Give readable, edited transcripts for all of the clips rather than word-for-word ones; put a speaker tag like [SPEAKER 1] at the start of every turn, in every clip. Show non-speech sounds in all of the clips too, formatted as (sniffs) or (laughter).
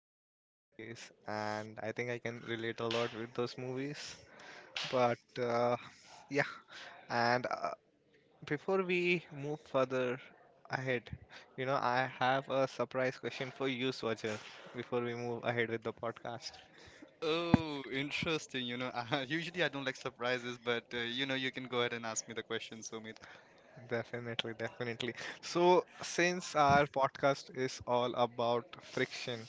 [SPEAKER 1] fiction movies, and I think I can relate a lot with those movies. But yeah, and Before we move further ahead, you know, I have a surprise question for you, Swajar, before we move ahead with the podcast.
[SPEAKER 2] Oh, interesting. You know, (laughs) usually I don't like surprises, but you know, you can go ahead and ask me the question, Somit.
[SPEAKER 1] Definitely, definitely. So, since our podcast is all about friction,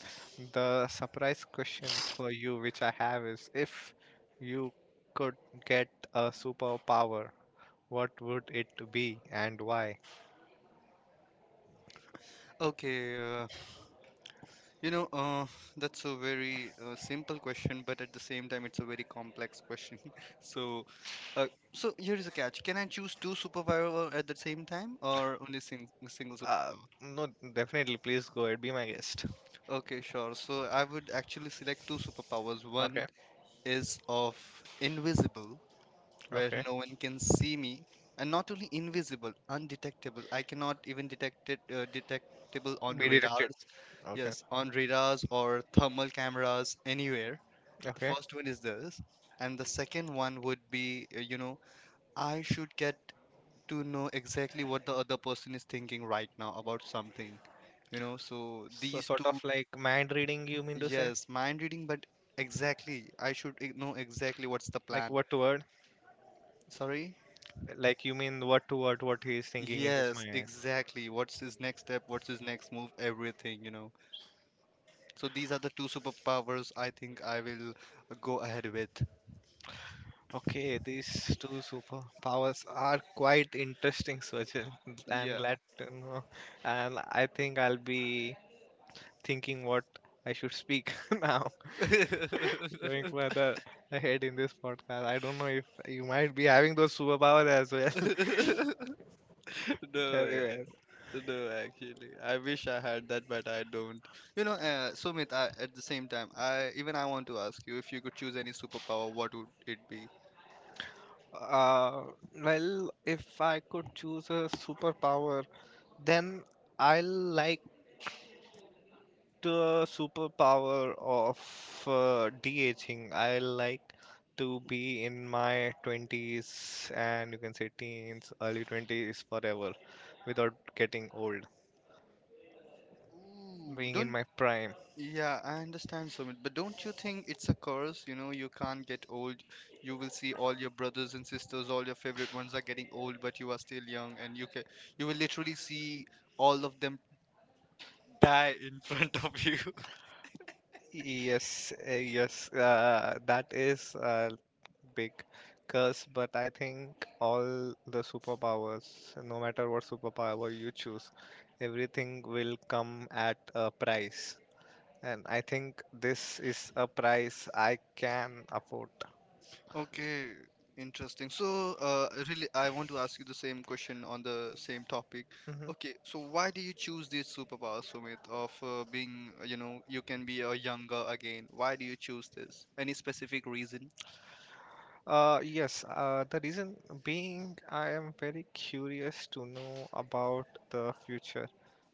[SPEAKER 1] the surprise question for you, which I have, is if you could get a superpower, what would it be and why?
[SPEAKER 2] Okay. You know, that's a very simple question, but at the same time, it's a very complex question. (laughs) So, uh, so here is a catch. Can I choose two superpower at the same time, or only sing single
[SPEAKER 1] Uh,
[SPEAKER 2] superpower?
[SPEAKER 1] no, definitely, please go ahead, be my guest.
[SPEAKER 2] Okay, sure. So I would actually select two superpowers.
[SPEAKER 1] Okay,
[SPEAKER 2] One is of invisible, where
[SPEAKER 1] okay.
[SPEAKER 2] no one can see me, and not only invisible, undetectable. I cannot even detect it, detectable on
[SPEAKER 1] Be directed.
[SPEAKER 2] radars.
[SPEAKER 1] Okay.
[SPEAKER 2] Yes, on radars or thermal cameras anywhere. The
[SPEAKER 1] Okay.
[SPEAKER 2] first one is this, and the second one would be, you know, I should get to know exactly what the other person is thinking right now about something, you know. So
[SPEAKER 1] So
[SPEAKER 2] these
[SPEAKER 1] sort of
[SPEAKER 2] two,
[SPEAKER 1] like mind reading, you mean to say?
[SPEAKER 2] yes, mind reading, but exactly, I should know exactly what's the
[SPEAKER 1] Like
[SPEAKER 2] plan.
[SPEAKER 1] word to word?
[SPEAKER 2] Sorry?
[SPEAKER 1] Like you mean word to word what he is thinking in his
[SPEAKER 2] Yes,
[SPEAKER 1] mind?
[SPEAKER 2] exactly. What's his next step? What's his next move? Everything, you know. So these are the two superpowers I think I will go ahead with.
[SPEAKER 1] Okay, these two superpowers are quite interesting, Swajil. (laughs) I'm
[SPEAKER 2] Yeah.
[SPEAKER 1] glad to know. And I think I'll be thinking what I should speak (laughs) now. Going further ahead in this podcast, I don't know if you might be having those superpowers as well.
[SPEAKER 2] (laughs)
[SPEAKER 1] (laughs)
[SPEAKER 2] No, way.
[SPEAKER 1] Anyways,
[SPEAKER 2] No, actually, I wish I had that, but I don't. You know, Sumit, at the same time, I want to ask you if you could choose any superpower, what would it be?
[SPEAKER 1] uh, well, if I could choose a superpower, then I'll like the superpower of de-aging. I like to be in my 20s and you can say teens, early 20s forever without getting old,
[SPEAKER 2] Ooh,
[SPEAKER 1] being in
[SPEAKER 2] don't.
[SPEAKER 1] my prime.
[SPEAKER 2] Yeah, I understand, Sumit, but don't you think it's a curse? You know, you can't get old. You will see all your brothers and sisters, all your favorite ones are getting old, but you are still young, and you will literally see all of them die in (laughs) front of you.
[SPEAKER 1] Yes, that is a big curse, but I think all the superpowers, no matter what superpower you choose, everything will come at a price. And I think this is a price I can afford.
[SPEAKER 2] Okay, interesting. So, really, I want to ask you the same question on the same topic.
[SPEAKER 1] Mhm.
[SPEAKER 2] Okay, so why do you choose this superpower, Sumit, of being, you know, you can be a younger again? Why do you choose this? Any specific reason?
[SPEAKER 1] Yes, the reason being I am very curious to know about the future.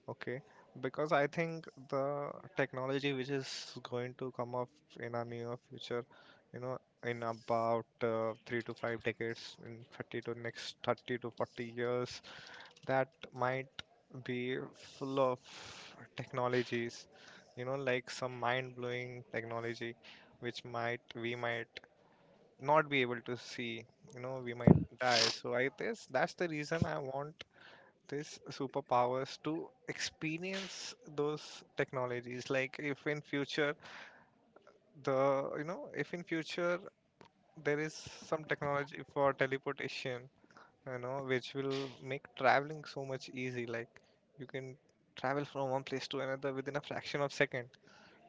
[SPEAKER 1] Okay, because I think the technology which is going to come up in our near future, you know, in about three to five decades, in 30 to next 30 to 40 years, that might be full of technologies, you know, like some mind-blowing technology which might we might not be able to see, you know, we might die. So I guess that's the reason I want this superpowers to experience those technologies. Like if in future the you know if in future there is some technology for teleportation, you know, which will make traveling so much easy. Like you can travel from one place to another within a fraction of second.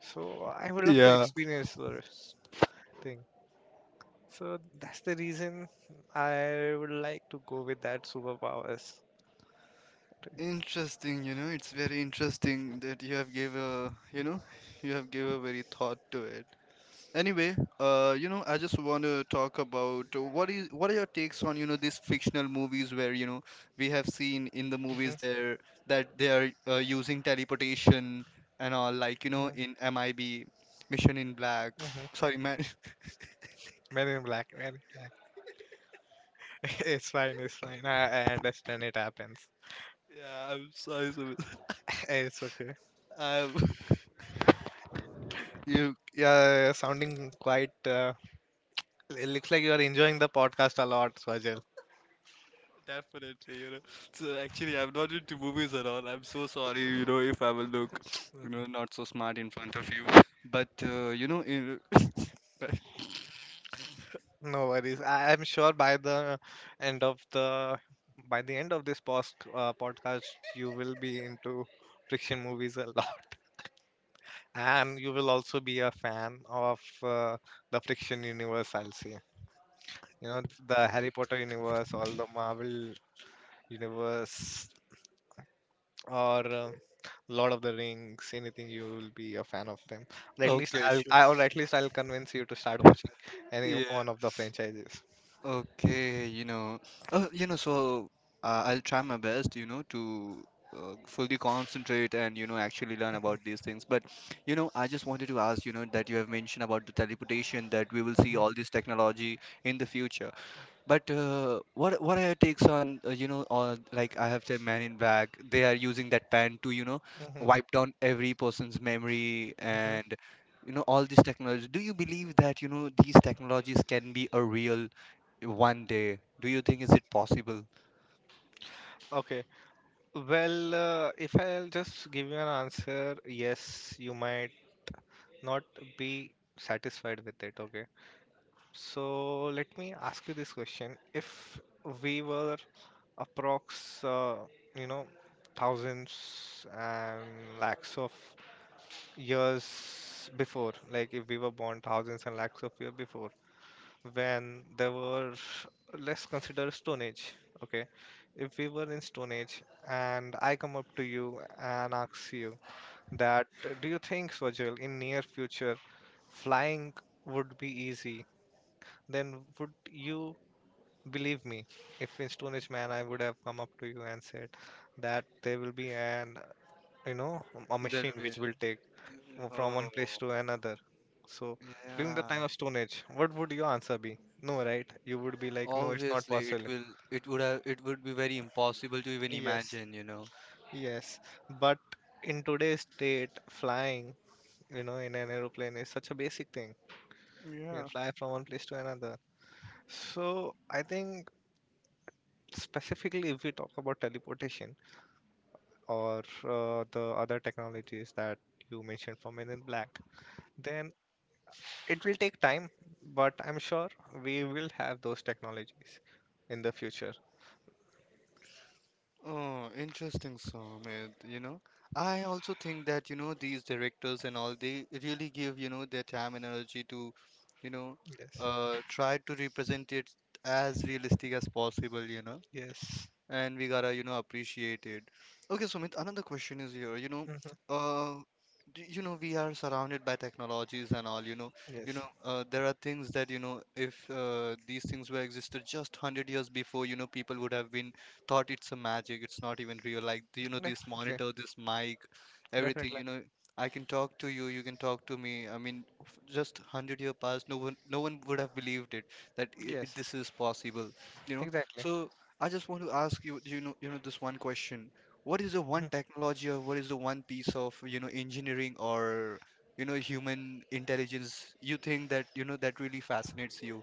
[SPEAKER 1] So I would love to
[SPEAKER 2] Yeah.
[SPEAKER 1] experience this thing. So that's the reason I would like to go with that superpowers.
[SPEAKER 2] Interesting, you know, it's very interesting that you have gave a, you know, you have gave a very thought to it. Anyway, you know, I just want to talk about what are your takes on, you know, these fictional movies where, you know, we have seen in the
[SPEAKER 1] Mhm,
[SPEAKER 2] movies there that they are using teleportation and all, like, you know,
[SPEAKER 1] mhm,
[SPEAKER 2] in MIB, Mission in Black.
[SPEAKER 1] mhm.
[SPEAKER 2] Sorry, man. (laughs)
[SPEAKER 1] Men in black, men in black. (laughs) It's fine, it's fine. I understand it happens.
[SPEAKER 2] Yeah, I'm sorry, Sumit.
[SPEAKER 1] (laughs) It's okay.
[SPEAKER 2] (laughs) I'm (laughs)
[SPEAKER 1] You're sounding quite. It looks like you're enjoying the podcast a lot, Swajal.
[SPEAKER 2] definitely, you know. So actually, I'm not into movies at all. I'm so sorry, you know, if I will look, you
[SPEAKER 1] (laughs)
[SPEAKER 2] know, not so smart in front of you. But you know, in... (laughs) Right.
[SPEAKER 1] No worries. I'm sure by the end of the by the end of this podcast, you will be into friction movies a (laughs) lot, and you will also be a fan of the friction universe. I'll say, you know, the Harry Potter universe, all the Marvel universe, or Lord of the Rings, anything you will be a fan of them. Or at least
[SPEAKER 2] Okay,
[SPEAKER 1] I'll,
[SPEAKER 2] sure.
[SPEAKER 1] I, or at least I'll convince you to start watching any
[SPEAKER 2] Yeah.
[SPEAKER 1] one of the franchises.
[SPEAKER 2] Okay, you know, uh, you know, so I'll try my best, you know, to fully concentrate and, you know, actually learn about these things. But, you know, I just wanted to ask, you know, that you have mentioned about the teleportation, that we will see
[SPEAKER 1] Mhm,
[SPEAKER 2] all this technology in the future. But what are your takes on, you know, on, like, I have said Man in Black, they are using that pen to, you know,
[SPEAKER 1] mhm,
[SPEAKER 2] wipe down every person's memory
[SPEAKER 1] mhm.
[SPEAKER 2] and, you know, all these technology. Do you believe that, you know, these technologies can be a real one day? Do you think is it possible?
[SPEAKER 1] Okay. Well, if I'll just give you an answer, yes, you might not be satisfied with it. Okay. So let me ask you this question: if we were approx, uh, you know, thousands and lakhs of years before, like if we were born thousands and lakhs of years before, when there were, let's consider stone age, okay, if we were in stone age and I come up to you and ask you that do you think, Swajal, in near future flying would be easy, then would you believe me? If in stone age man I would have come up to you and said that there will be an, you know, a
[SPEAKER 2] There
[SPEAKER 1] machine
[SPEAKER 2] will.
[SPEAKER 1] which will take from one place
[SPEAKER 2] Oh,
[SPEAKER 1] to another. So during the
[SPEAKER 2] yeah.
[SPEAKER 1] time of Stone Age, what would your answer be? No, right? You would be like, no, it's not
[SPEAKER 2] Obviously, it
[SPEAKER 1] possible.
[SPEAKER 2] will. It would have. It would be very impossible to even
[SPEAKER 1] Yes,
[SPEAKER 2] imagine. You know.
[SPEAKER 1] yes. But in today's state, flying, you know, in an aeroplane is such a basic thing. You can
[SPEAKER 2] Yeah.
[SPEAKER 1] fly from one place to another. So I think specifically if we talk about teleportation or the other technologies that you mentioned from Men in Black, then it will take time, but I'm sure we will have those technologies in the future.
[SPEAKER 2] Oh, interesting, Sumit. You know, I also think that, you know, these directors and all, they really give, you know, their time and energy to, you know,
[SPEAKER 1] Yes.
[SPEAKER 2] try to represent it as realistic as possible, you know,
[SPEAKER 1] Yes.
[SPEAKER 2] and we gotta, you know, appreciate it. Okay, Sumit, another question is here, you know,
[SPEAKER 1] Hmm.
[SPEAKER 2] uh you know, we are surrounded by technologies and all, you know,
[SPEAKER 1] Yes.
[SPEAKER 2] there are things that, you know, if these things were existed just 100 years before, you know, people would have been thought it's a magic, it's not even real, like, you know, this
[SPEAKER 1] Definitely.
[SPEAKER 2] monitor, this mic, everything,
[SPEAKER 1] Definitely.
[SPEAKER 2] you know. I can talk to you, you can talk to me, I mean, just 100 year past, no one would have believed it that I
[SPEAKER 1] Yes.
[SPEAKER 2] this is possible, you know.
[SPEAKER 1] Exactly.
[SPEAKER 2] So I just want to ask you, you know, this one question. What is the one
[SPEAKER 1] Mhm.
[SPEAKER 2] technology, or what is the one piece of, you know, engineering or, you know, human intelligence you think that, you know, that really fascinates you,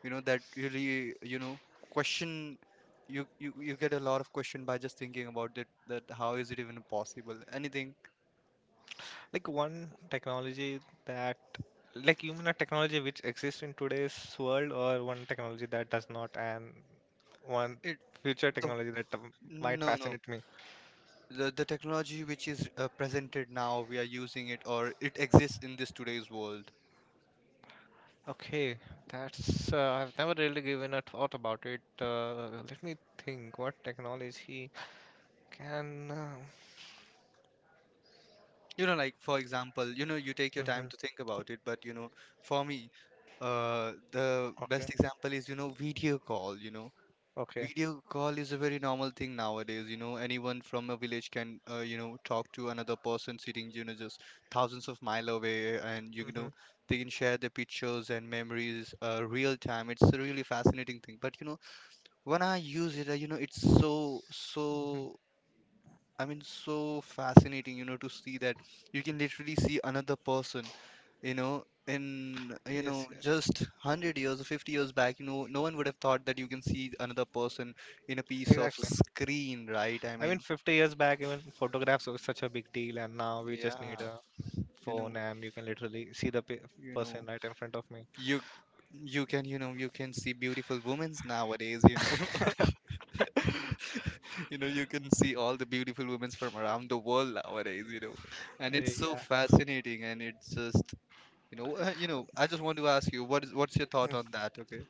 [SPEAKER 2] you know, that really, you know, question you, you get a lot of question by just thinking about it, that how is it even possible? Anything.
[SPEAKER 1] Like one technology that, like you mean a technology which exists in today's world, or one technology that does not, and one
[SPEAKER 2] It
[SPEAKER 1] future
[SPEAKER 2] the
[SPEAKER 1] technology that might
[SPEAKER 2] no no
[SPEAKER 1] fascinate me.
[SPEAKER 2] the technology which is presented, now we are using it, or it exists in this today's world.
[SPEAKER 1] Okay, that's I've never really given a thought about it. Let me think what technology can.
[SPEAKER 2] You know, like, for example, you know, you take your time
[SPEAKER 1] Mhm,
[SPEAKER 2] to think about it, but, you know, for me, the best
[SPEAKER 1] okay,
[SPEAKER 2] example is, you know, video call, you know.
[SPEAKER 1] okay.
[SPEAKER 2] Video call is a very normal thing nowadays, you know. Anyone from a village can, you know, talk to another person sitting, you know, just thousands of mile away, and, you know,
[SPEAKER 1] Hmm.
[SPEAKER 2] they can share their pictures and memories, real time. It's a really fascinating thing, but, you know, when I use it, you know, it's so, I mean, so fascinating, you know, to see that you can literally see another person, you know, in, you know,
[SPEAKER 1] Yes, yes,
[SPEAKER 2] just 100 years or 50 years back, you know, no one would have thought that you can see another person in a piece of
[SPEAKER 1] exactly.
[SPEAKER 2] screen, right? I
[SPEAKER 1] I mean,
[SPEAKER 2] mean,
[SPEAKER 1] 50 years back, even photographs were such a big deal, and now we just need
[SPEAKER 2] yeah,
[SPEAKER 1] a
[SPEAKER 2] you
[SPEAKER 1] phone
[SPEAKER 2] know,
[SPEAKER 1] and you can literally see the
[SPEAKER 2] you
[SPEAKER 1] person
[SPEAKER 2] know,
[SPEAKER 1] right in front of me.
[SPEAKER 2] you you can, you know, you can see beautiful women nowadays, you know. (laughs)
[SPEAKER 1] (laughs)
[SPEAKER 2] You know, you can see all the beautiful women from around the world nowadays, you know. And it's so
[SPEAKER 1] Yeah.
[SPEAKER 2] fascinating and it's just. You know, (laughs) you know. I just want to ask you, what is what's your
[SPEAKER 1] Mm.
[SPEAKER 2] thought on that? Okay.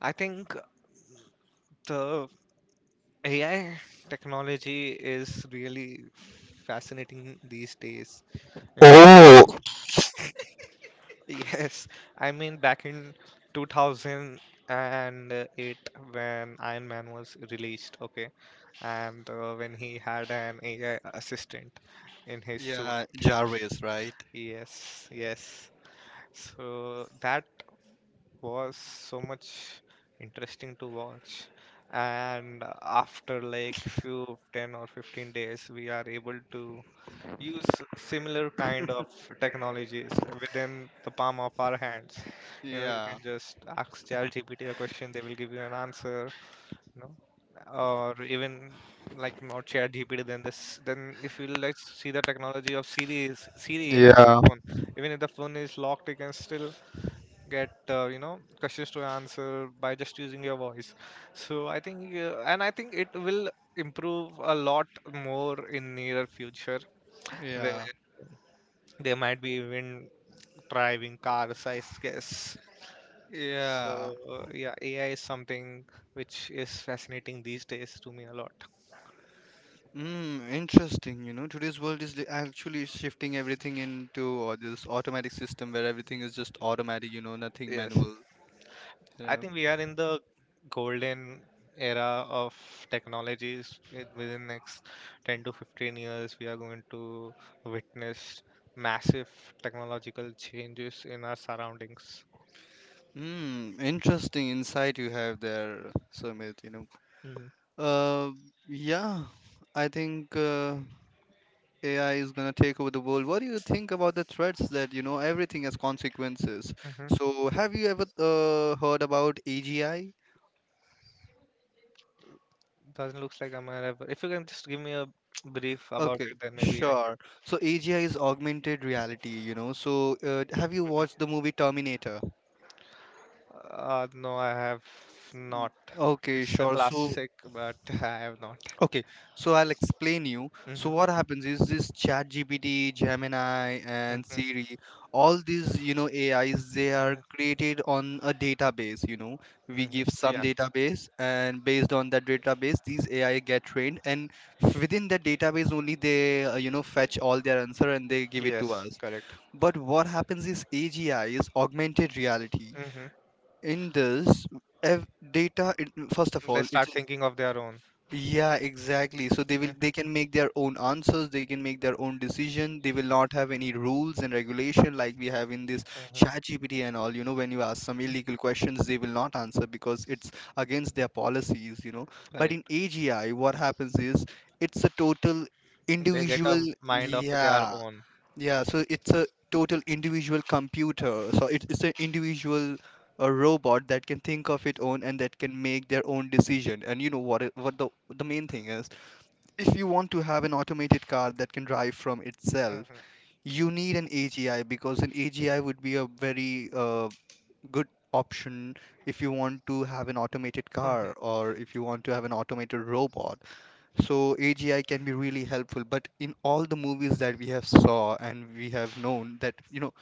[SPEAKER 1] I think the AI technology is really fascinating these days. You
[SPEAKER 2] Oh,
[SPEAKER 1] (laughs) yes, I mean back in 2008 when Iron Man was released, okay, and when he had an AI assistant in his suit.
[SPEAKER 2] yeah, Jarvis, right?
[SPEAKER 1] Yes, yes. So that was so much interesting to watch. And after like few 10 or 15 days, we are able to use similar kind of technologies within the palm of our hands. You know, you can
[SPEAKER 2] Yeah,
[SPEAKER 1] just ask ChatGPT a question, they will give you an answer. You know, or even like not ChatGPT, then this then if you like see the technology of Siri in an
[SPEAKER 2] yeah.
[SPEAKER 1] iPhone, even if the phone is locked, you can still get you know, questions to answer by just using your voice. So I think and I think it will improve a lot more in near future, where
[SPEAKER 2] Yeah,
[SPEAKER 1] they might be even driving cars, I guess.
[SPEAKER 2] yeah.
[SPEAKER 1] So yeah, AI is something which is fascinating these days to me a lot.
[SPEAKER 2] Mm, interesting. You know, today's world is actually shifting everything into this automatic system where everything is just automatic. You know, nothing
[SPEAKER 1] Yes,
[SPEAKER 2] manual.
[SPEAKER 1] I
[SPEAKER 2] Yeah.
[SPEAKER 1] think we are in the golden era of technologies. Within next 10 to 15 years, we are going to witness massive technological changes in our surroundings.
[SPEAKER 2] Hmm. Interesting insight you have there, Sumit. You know.
[SPEAKER 1] Mm-hmm.
[SPEAKER 2] Uh. Yeah. I think. AI is gonna take over the world. What do you think about the threats that, you know, everything has consequences?
[SPEAKER 1] Mm-hmm.
[SPEAKER 2] So have you ever heard about AGI?
[SPEAKER 1] Doesn't looks like I'm aware of. If you can just give me a (tsk) brief about
[SPEAKER 2] Okay,
[SPEAKER 1] it, then maybe I
[SPEAKER 2] sure. So AGI is augmented reality, you know. So have you watched the movie Terminator?
[SPEAKER 1] No, I have not.
[SPEAKER 2] Okay,
[SPEAKER 1] It's a
[SPEAKER 2] sure. So
[SPEAKER 1] classic, but (laughs) I have not.
[SPEAKER 2] okay, so I'll explain you. So
[SPEAKER 1] Hmm,
[SPEAKER 2] what happens is this ChatGPT, Gemini, and
[SPEAKER 1] hmm,
[SPEAKER 2] Siri, all these, you know, AIs, they are
[SPEAKER 1] hmm,
[SPEAKER 2] created on a database, you know. We
[SPEAKER 1] hmm.
[SPEAKER 2] give some
[SPEAKER 1] Yeah.
[SPEAKER 2] database and based on that database, these AI get trained, and within that database only they, you know, fetch all their answer and they give it to
[SPEAKER 1] Yes.
[SPEAKER 2] us.
[SPEAKER 1] Correct.
[SPEAKER 2] But what happens is AGI is augmented reality.
[SPEAKER 1] Hmm.
[SPEAKER 2] In this, data, it, first of
[SPEAKER 1] They
[SPEAKER 2] all, it.
[SPEAKER 1] start thinking of their own.
[SPEAKER 2] Yeah, exactly. So
[SPEAKER 1] Hmm,
[SPEAKER 2] they can make their own answers, they can make their own decision. They will not have any rules and regulation like we have in this
[SPEAKER 1] hmm.
[SPEAKER 2] ChatGPT and all. You know, when you ask some illegal questions, they will not answer because it's against their policies, you know. But in
[SPEAKER 1] Correct.
[SPEAKER 2] AGI, what happens is it's a total
[SPEAKER 1] They get
[SPEAKER 2] individual,
[SPEAKER 1] a mind of their
[SPEAKER 2] yeah,
[SPEAKER 1] own.
[SPEAKER 2] yeah, so it's a total individual computer. So it's an individual robot that can think of its own and that can make their own decision. And you know what the main thing is, if you want to have an automated car that can drive from itself,
[SPEAKER 1] Hmm,
[SPEAKER 2] you need an AGI because an AGI would be a very good option if you want to have an automated car
[SPEAKER 1] hmm.
[SPEAKER 2] or if you want to have an automated robot. So AGI can be really helpful, but in all the movies that we have saw and we have known that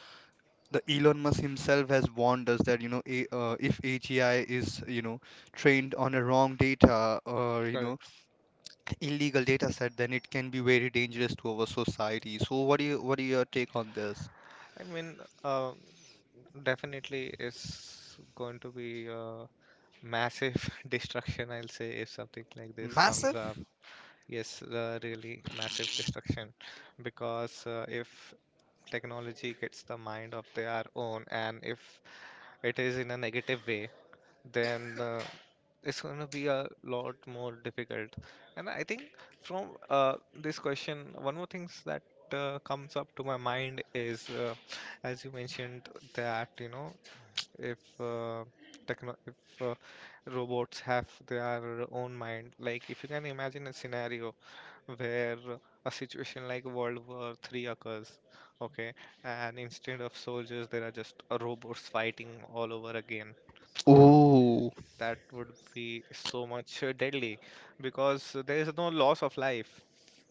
[SPEAKER 2] the Elon Musk himself has warned us that if AGI is trained on a wrong data or
[SPEAKER 1] Correct.
[SPEAKER 2] illegal data set, then it can be very dangerous to our society. So what do your take on this?
[SPEAKER 1] I mean, uh, definitely it's going to be a massive (laughs) destruction, I'll say, if something like this comes
[SPEAKER 2] Massive?
[SPEAKER 1] up. Yes, really massive destruction. Because if technology gets the mind of their own, and if it is in a negative way, then it's going to be a lot more difficult. And I think from this question, one more thing that comes up to my mind is, as you mentioned, that you know, if techno- if uh, robots have their own mind, like if you can imagine a scenario where a situation like world war 3 occurs, okay, and instead of soldiers there are just robots fighting all over again,
[SPEAKER 2] Oh,
[SPEAKER 1] that would be so much deadly, because there is no loss of life.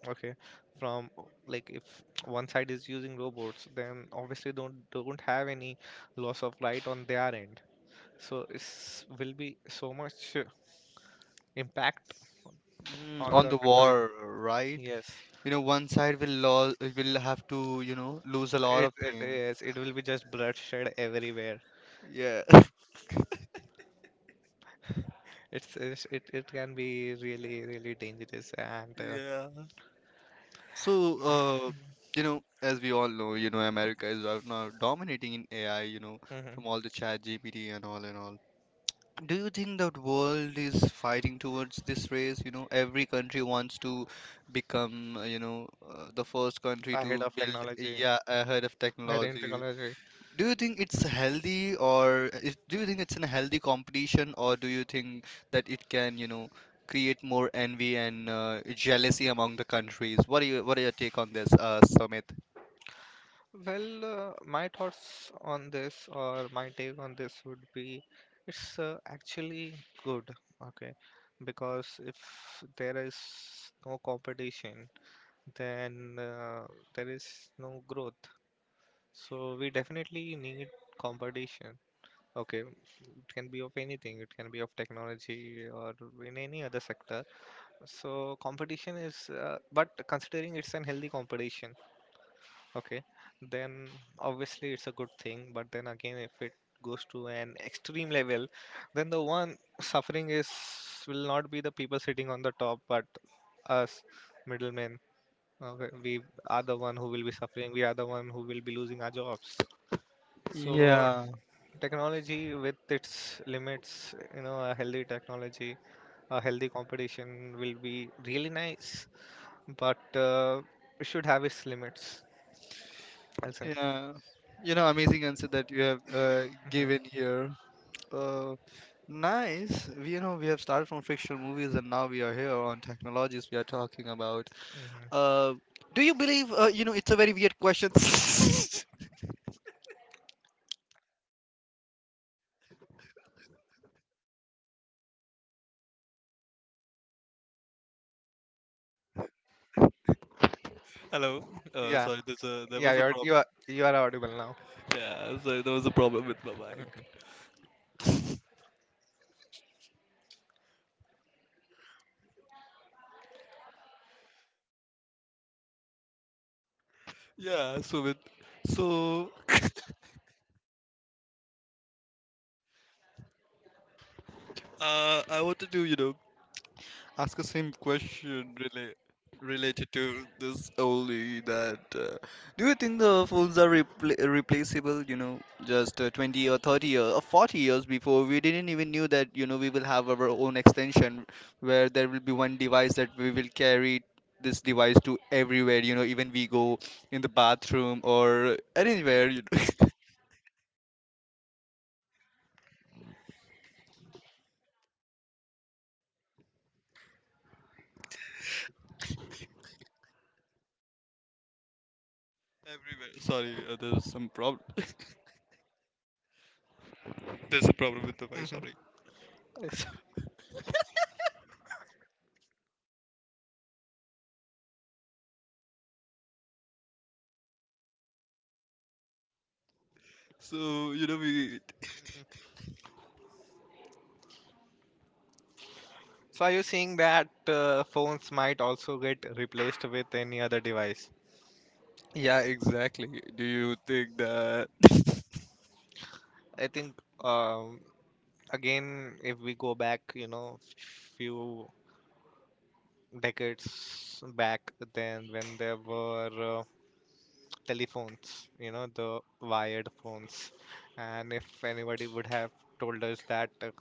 [SPEAKER 1] Okay, from like if one side is using robots, then obviously don't have any loss of light on their end. So it's will be so much impact on
[SPEAKER 2] on
[SPEAKER 1] the
[SPEAKER 2] the
[SPEAKER 1] country.
[SPEAKER 2] war, right?
[SPEAKER 1] Yes,
[SPEAKER 2] You know, one side will have to, you know, lose a lot
[SPEAKER 1] it,
[SPEAKER 2] of
[SPEAKER 1] it
[SPEAKER 2] things.
[SPEAKER 1] yes it will be just bloodshed everywhere.
[SPEAKER 2] Yeah,
[SPEAKER 1] It's it can be really really dangerous and
[SPEAKER 2] (laughs) yeah. So, you know, as we all know, you know, America is right now dominating in AI, you know,
[SPEAKER 1] mhm,
[SPEAKER 2] from all the chat GPT and all. Do you think that world is fighting towards this race? You know, every country wants to become, you know, the first country
[SPEAKER 1] ahead
[SPEAKER 2] to
[SPEAKER 1] of
[SPEAKER 2] build,
[SPEAKER 1] technology,
[SPEAKER 2] yeah, ahead of
[SPEAKER 1] ahead in
[SPEAKER 2] technology.
[SPEAKER 1] technology.
[SPEAKER 2] Do you think it's healthy, do you think it's a healthy competition, or do you think that it can, you know, create more envy and jealousy among the countries? What are your take on this, Sumit?
[SPEAKER 1] Well, my thoughts on this or my take on this would be it's actually good, okay? Because if there is no competition, then there is no growth. So we definitely need competition. Okay, it can be of anything, it can be of technology or in any other sector. So competition is, but considering it's an healthy competition, okay, then obviously it's a good thing. But then again, if it goes to an extreme level, then the one suffering is will not be the people sitting on the top, but us middlemen. We are the one who will be suffering. We are the one who will be losing our jobs. So
[SPEAKER 2] Yeah,
[SPEAKER 1] technology with its limits, you know, a healthy technology, a healthy competition will be really nice, but it should have its limits. Also,
[SPEAKER 2] yeah. You know, amazing answer that you have given
[SPEAKER 1] hmm,
[SPEAKER 2] here. Uh, nice. We- You know, we have started from fictional movies and now we are here on technologies we are talking about.
[SPEAKER 1] hmm,
[SPEAKER 2] Uh, do you believe, it's a very weird question. (laughs) Hello. Uh,
[SPEAKER 1] yeah.
[SPEAKER 2] sorry, there
[SPEAKER 1] Yeah,
[SPEAKER 2] was a problem.
[SPEAKER 1] you are audible now.
[SPEAKER 2] Yeah, sorry, there was a problem with my mic.
[SPEAKER 1] Mhm.
[SPEAKER 2] Yeah, so with so (laughs) I wanted to, you know, ask the same question related to this only, that do you think the phones are replaceable? You know, just 20 or 30 or 40 years before, we didn't even knew that, you know, we will have our own extension where there will be one device that we will carry this device to everywhere, you know, even we go in the bathroom or anywhere, (laughs) everywhere. Sorry, there's some problem. (laughs) There's a problem with the mic.
[SPEAKER 1] Mhm.
[SPEAKER 2] Sorry.
[SPEAKER 1] So,
[SPEAKER 2] So, you know, we...
[SPEAKER 1] so are you seeing that phones might also get replaced with any other device?
[SPEAKER 2] Yeah, exactly. Do you think that? (laughs)
[SPEAKER 1] I think um, again, if we go back, you know, few decades back, then when there were telephones, you know, the wired phones. And if anybody would have told us that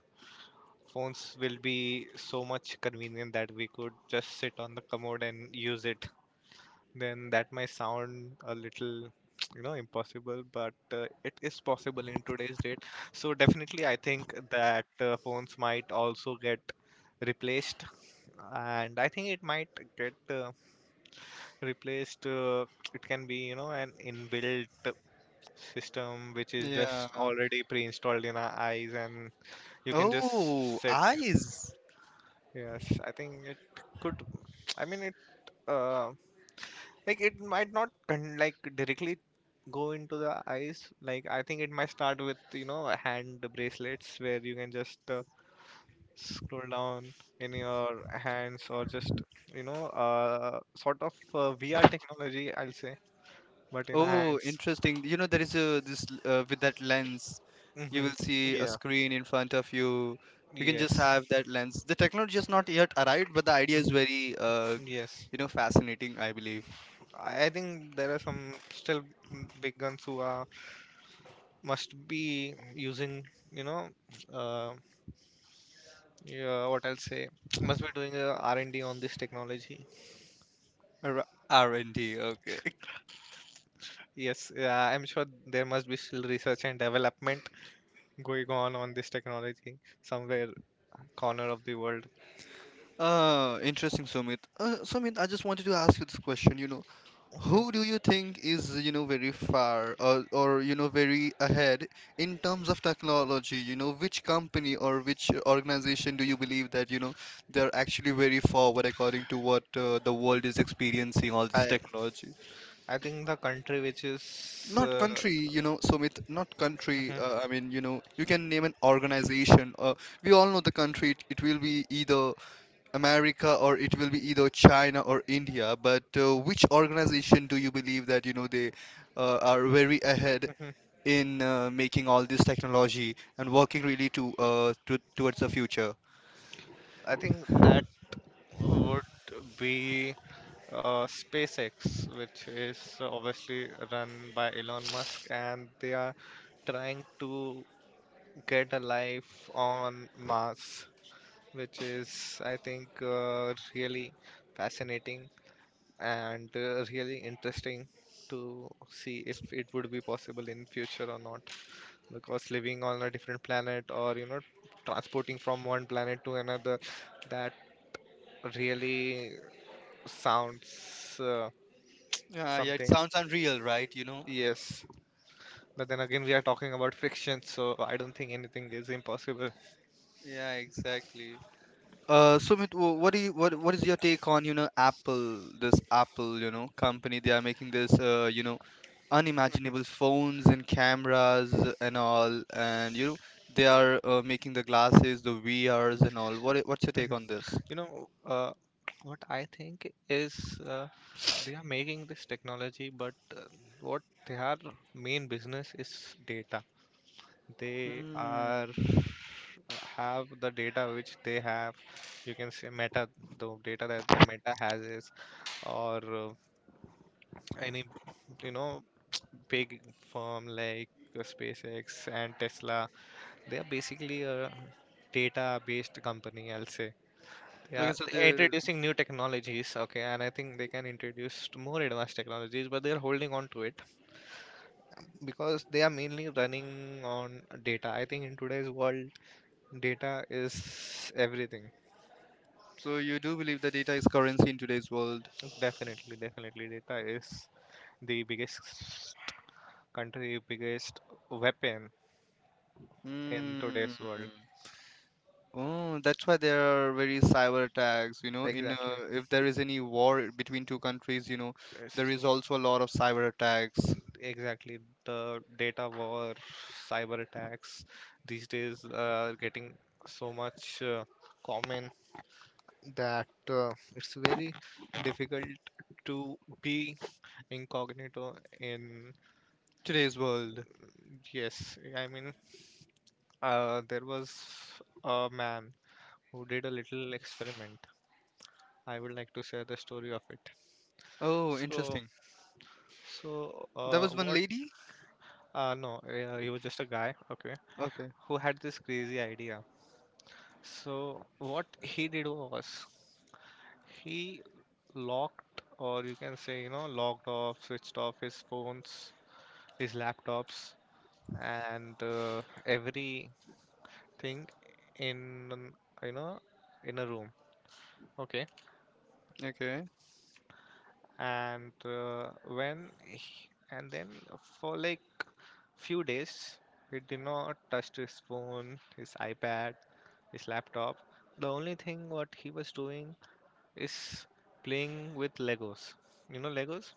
[SPEAKER 1] phones will be so much convenient that we could just sit on the commode and use it, then that might sound a little (tsk) impossible, but it is possible in today's date. So definitely I think that phones might also get replaced. And I think it might get replaced. It can be, you know, an inbuilt system which is just
[SPEAKER 2] Yeah.
[SPEAKER 1] already pre-installed in our eyes, and you can just
[SPEAKER 2] Oh,
[SPEAKER 1] set.
[SPEAKER 2] eyes.
[SPEAKER 1] Yes, I think it could. I mean, it uh, like it might not like directly go into the eyes. Like I think it might start with, you know, hand bracelets where you can just scroll down in your hands, or just, you know, sort of VR technology, I'll say, but in our
[SPEAKER 2] Oh,
[SPEAKER 1] hands.
[SPEAKER 2] interesting. You know, there is a this with that lens, you
[SPEAKER 1] Hmm.
[SPEAKER 2] will see a
[SPEAKER 1] Yeah.
[SPEAKER 2] screen in front of you. You can just
[SPEAKER 1] Yes.
[SPEAKER 2] have that lens. The technology has not yet arrived, but the idea is
[SPEAKER 1] Mhm.
[SPEAKER 2] very,
[SPEAKER 1] Yes.
[SPEAKER 2] fascinating, I believe.
[SPEAKER 1] I think there are some still, big guns who are must be using, you know, uh, yeah, what I'll say, (tsk) must be doing a R&D on this technology.
[SPEAKER 2] R&D, okay. (laughs)
[SPEAKER 1] Yes, yeah, I'm sure there must be still research and development going on this technology somewhere corner of the world.
[SPEAKER 2] Interesting, Sumit. Sumit, I just wanted to ask you this question. You know, who
[SPEAKER 1] (laughs)
[SPEAKER 2] do you think is, you know, very far, or very ahead in terms of technology? You know, which company or which organization do you believe that, you know, they're actually very forward according to what the world is experiencing, all this
[SPEAKER 1] I
[SPEAKER 2] technology?
[SPEAKER 1] I think the country which is
[SPEAKER 2] Not country, you know, Sumit, not country.
[SPEAKER 1] mhm,
[SPEAKER 2] I mean, you know, you can name an organization. We all know the country. It will be either America, or it will be either China or India, but which organization do you believe that, you know, they are very ahead
[SPEAKER 1] mhm.
[SPEAKER 2] in making all this technology and working really to towards the future?
[SPEAKER 1] I think that would be SpaceX, which is obviously run by Elon Musk, and they are trying to get a life on Mars, which is, I think, really fascinating and really interesting to see if it would be possible in future or not. Because living on a different planet, or, you know, transporting from one planet to another, that really sounds
[SPEAKER 2] Yeah, yeah, it
[SPEAKER 1] something.
[SPEAKER 2] sounds unreal, right? You know.
[SPEAKER 1] Yes. But then again, we are talking about friction, so I don't think anything is impossible.
[SPEAKER 2] Yeah, exactly. Sumit, what is your take on, you know, Apple, this Apple, you know, company? They are making this unimaginable phones and cameras and all, and, you know, they are making the glasses, the VRs and all. What's your take
[SPEAKER 1] Mhm.
[SPEAKER 2] on this?
[SPEAKER 1] You know, what I think is they are making this technology, but what their main business is data. They
[SPEAKER 2] Mm.
[SPEAKER 1] are have the data which they have. You can say Meta, the data that the Meta has is, or any, you know, big firm like SpaceX and Tesla. They are basically a data based company, I'll say. they
[SPEAKER 2] Okay,
[SPEAKER 1] they are introducing new technologies, okay, and I think they can introduce more advanced technologies, but they are holding on to it because they are mainly running on data. I think in today's world, data is everything.
[SPEAKER 2] so you do believe that data is currency in today's world?
[SPEAKER 1] Definitely, definitely, data is the biggest country, biggest weapon in
[SPEAKER 2] Mm.
[SPEAKER 1] today's world.
[SPEAKER 2] Oh, that's why there are very cyber attacks, you know, in
[SPEAKER 1] Exactly.
[SPEAKER 2] if there is any war between two countries, you know, there
[SPEAKER 1] Yes,
[SPEAKER 2] is also a lot of cyber attacks
[SPEAKER 1] exactly. The data war, cyber attacks these days are getting so much common that it's very difficult to be incognito in.
[SPEAKER 2] today's world.
[SPEAKER 1] Yes, I mean, there was a man who did a little experiment. I would like to share the story of it.
[SPEAKER 2] Oh,
[SPEAKER 1] So,
[SPEAKER 2] interesting.
[SPEAKER 1] so
[SPEAKER 2] That was one
[SPEAKER 1] what?
[SPEAKER 2] lady?
[SPEAKER 1] No, he was just a guy, okay,
[SPEAKER 2] Okay.
[SPEAKER 1] who had this crazy idea. So, what he did was he locked, or you can say, you know, locked off, switched off his phones, his laptops, and everything in, you know, in a room, okay,
[SPEAKER 2] Okay.
[SPEAKER 1] and when and then for like few days he did not touch his phone, his iPad, his laptop. The only thing what he was doing is playing with Legos. You know, Legos,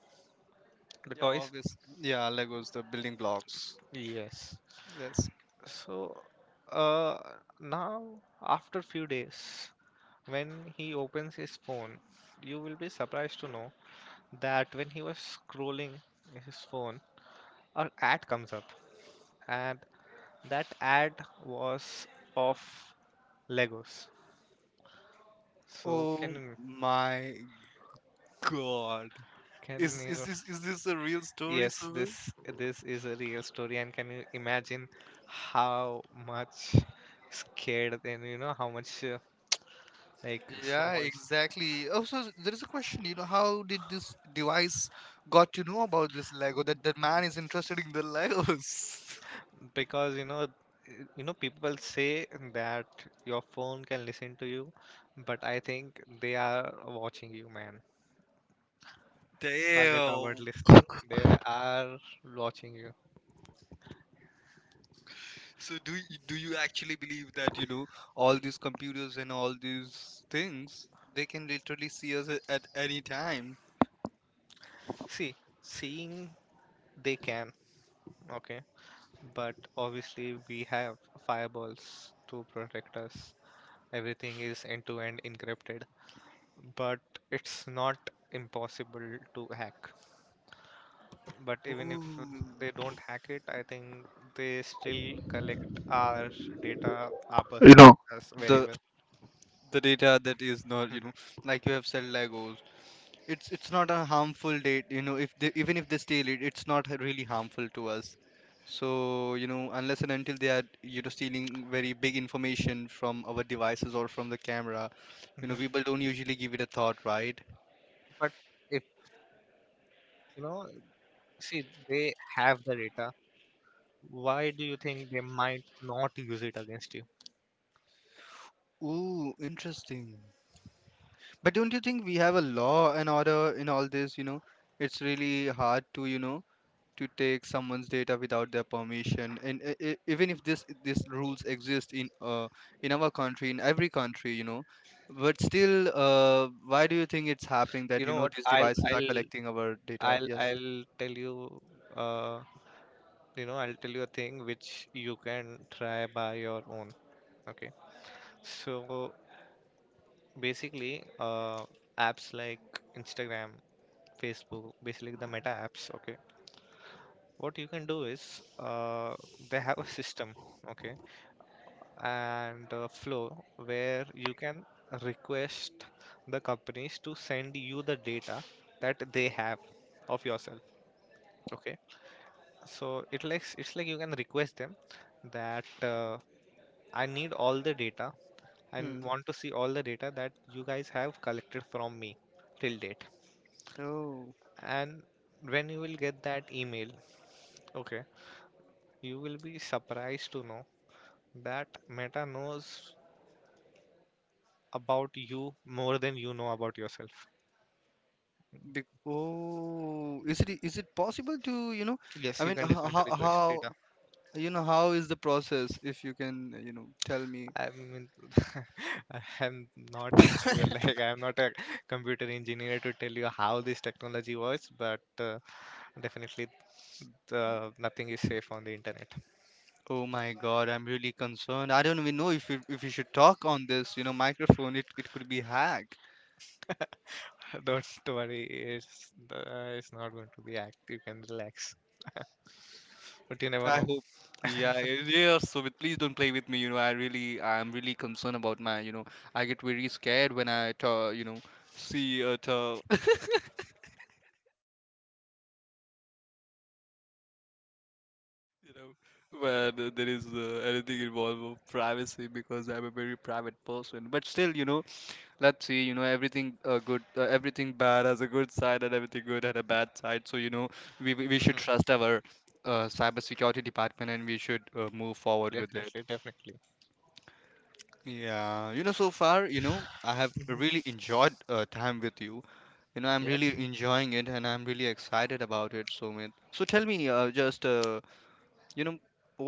[SPEAKER 1] the
[SPEAKER 2] Yeah,
[SPEAKER 1] toys.
[SPEAKER 2] obvious. Yeah, Legos, the building blocks.
[SPEAKER 1] Yes.
[SPEAKER 2] Yes.
[SPEAKER 1] So uh now, after few days, when he opens his phone, you will be surprised to know that when he was scrolling his phone, an ad comes up, and that ad was of Legos. So
[SPEAKER 2] Oh
[SPEAKER 1] can you,
[SPEAKER 2] my God.
[SPEAKER 1] can
[SPEAKER 2] Is is
[SPEAKER 1] you.
[SPEAKER 2] this is this a real story,
[SPEAKER 1] Yes,
[SPEAKER 2] Sumit?
[SPEAKER 1] this is a real story. And can you imagine how much scared, and you know how much like
[SPEAKER 2] Yeah,
[SPEAKER 1] so much,
[SPEAKER 2] exactly. Oh, so there is a question. You know, how did this device got to know about this Lego? That man is interested in the Legos.
[SPEAKER 1] because you know, you know people say that your phone can listen to you, but I think they are watching you, man.
[SPEAKER 2] (laughs)
[SPEAKER 1] Forget about
[SPEAKER 2] Damn.
[SPEAKER 1] listening, they are watching you.
[SPEAKER 2] So do you actually believe that, you know, all these computers and all these things, they can literally see us at any time?
[SPEAKER 1] See, seeing they can. Okay, but obviously we have firewalls to protect us. Everything is end-to-end encrypted, but it's not impossible to hack. But even if
[SPEAKER 2] Oh.
[SPEAKER 1] they don't hack it, I think they still collect our data, our personas very
[SPEAKER 2] the
[SPEAKER 1] well.
[SPEAKER 2] the data that is not, you
[SPEAKER 1] Mhm,
[SPEAKER 2] know, like you have said, Legos, it's not a harmful date, you know, if they even if they steal it, it's not really harmful to us. So, you know, unless and until they are, you know, stealing very big information from our devices or from the camera, you know,
[SPEAKER 1] mhm.
[SPEAKER 2] people don't usually give it a thought, right?
[SPEAKER 1] But if, you know, see, they have the data. Why do you think they might not use it against you?
[SPEAKER 2] Ooh, interesting. But don't you think we have a law and order in all this, you know? It's really hard to, to take someone's data without their permission, and even if this rules exist in our country, in every country, you know. But still, why do you think it's happening that,
[SPEAKER 1] You
[SPEAKER 2] you
[SPEAKER 1] know
[SPEAKER 2] know,
[SPEAKER 1] what?
[SPEAKER 2] these
[SPEAKER 1] I'll
[SPEAKER 2] devices are
[SPEAKER 1] I'll
[SPEAKER 2] collecting our data?
[SPEAKER 1] I'll
[SPEAKER 2] Yes.
[SPEAKER 1] I'll tell you. Uh, you know, I'll tell you a thing which you can try by your own, okay. So basically apps like Instagram, Facebook, basically the Meta apps, okay, what you can do is they have a system, okay, and a flow where you can request the companies to send you the data that they have of yourself, okay. So it likes, it's like you can request them that I need all the data and
[SPEAKER 2] Hmm.
[SPEAKER 1] want to see all the data that you guys have collected from me till date.
[SPEAKER 2] Oh.
[SPEAKER 1] And when you will get that email, okay, you will be surprised to know that Meta knows about you more than you know about yourself.
[SPEAKER 2] Oh, is it possible to, you know, I
[SPEAKER 1] Yes, you
[SPEAKER 2] mean,
[SPEAKER 1] can definitely request
[SPEAKER 2] how,
[SPEAKER 1] data.
[SPEAKER 2] you know, how is the process? If you can, you know, tell me.
[SPEAKER 1] I mean, (laughs) I'm not into
[SPEAKER 2] (laughs)
[SPEAKER 1] like I'm not a computer engineer to tell you how this technology works, but definitely nothing is safe on the internet.
[SPEAKER 2] Oh my God, I'm really concerned. I don't even know if we should talk on this, you know, microphone. It could be hacked.
[SPEAKER 1] (laughs) Don't worry, it's the, it's not going to be active. You can relax, but you never
[SPEAKER 2] I
[SPEAKER 1] know.
[SPEAKER 2] hope. Yeah, yeah. So, please don't play with me. You know, I'm really concerned about my. You know, I get very scared when I, ta you know, see a, ta (laughs) you know, when there is anything involved with privacy, because I'm a very private person. But still, you know, let's see, you know, everything good, everything bad has a good side, and everything good had a bad side. So, you know, we should
[SPEAKER 1] Mhm.
[SPEAKER 2] trust our cybersecurity department, and we should move forward with it.
[SPEAKER 1] Definitely, definitely.
[SPEAKER 2] Yeah, you know, so far, you know, I have
[SPEAKER 1] Hmm.
[SPEAKER 2] really enjoyed, time with you, you know, I'm really
[SPEAKER 1] Yeah.
[SPEAKER 2] enjoying it, and I'm really excited about it, Sumit. So tell me, just you know,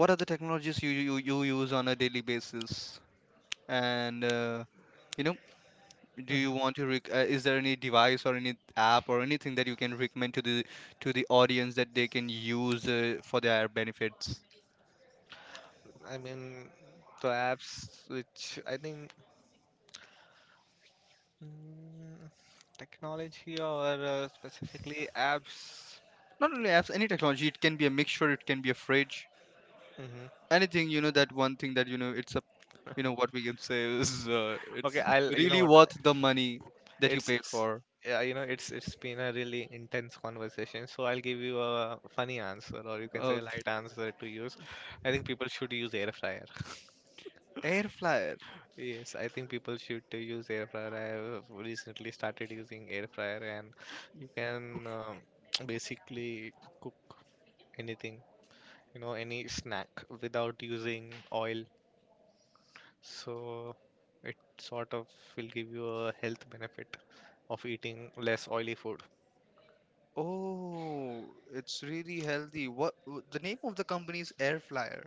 [SPEAKER 2] what are the technologies you use on a daily basis? And, you know, do you
[SPEAKER 1] Hmm.
[SPEAKER 2] want to is there any device or any app or anything that you can recommend to the audience that they can use, for their benefits?
[SPEAKER 1] I mean, the apps which I think, mm, technology or specifically apps.
[SPEAKER 2] Not only apps, any technology. It can be a mixture. It can be a fridge.
[SPEAKER 1] Hmm.
[SPEAKER 2] Anything, That one thing that, It's a, you know, what we can say is,
[SPEAKER 1] Okay,
[SPEAKER 2] it's
[SPEAKER 1] I'll. You know
[SPEAKER 2] really
[SPEAKER 1] what?
[SPEAKER 2] worth the money that you
[SPEAKER 1] It's
[SPEAKER 2] pay
[SPEAKER 1] it's.
[SPEAKER 2] for.
[SPEAKER 1] Yeah, you know, it's been a really intense conversation. So I'll give you a funny answer, or you can say a
[SPEAKER 2] Okay,
[SPEAKER 1] light answer to use. I think people should use air fryer. (laughs)
[SPEAKER 2] air fryer.
[SPEAKER 1] Yes, I think people should use air fryer. I have recently started using air fryer, and you can (tsk) basically cook anything, you know, any snack without using oil. So it sort of will give you a health benefit of eating less oily food.
[SPEAKER 2] Oh, it's really healthy. The name of the company is air fryer,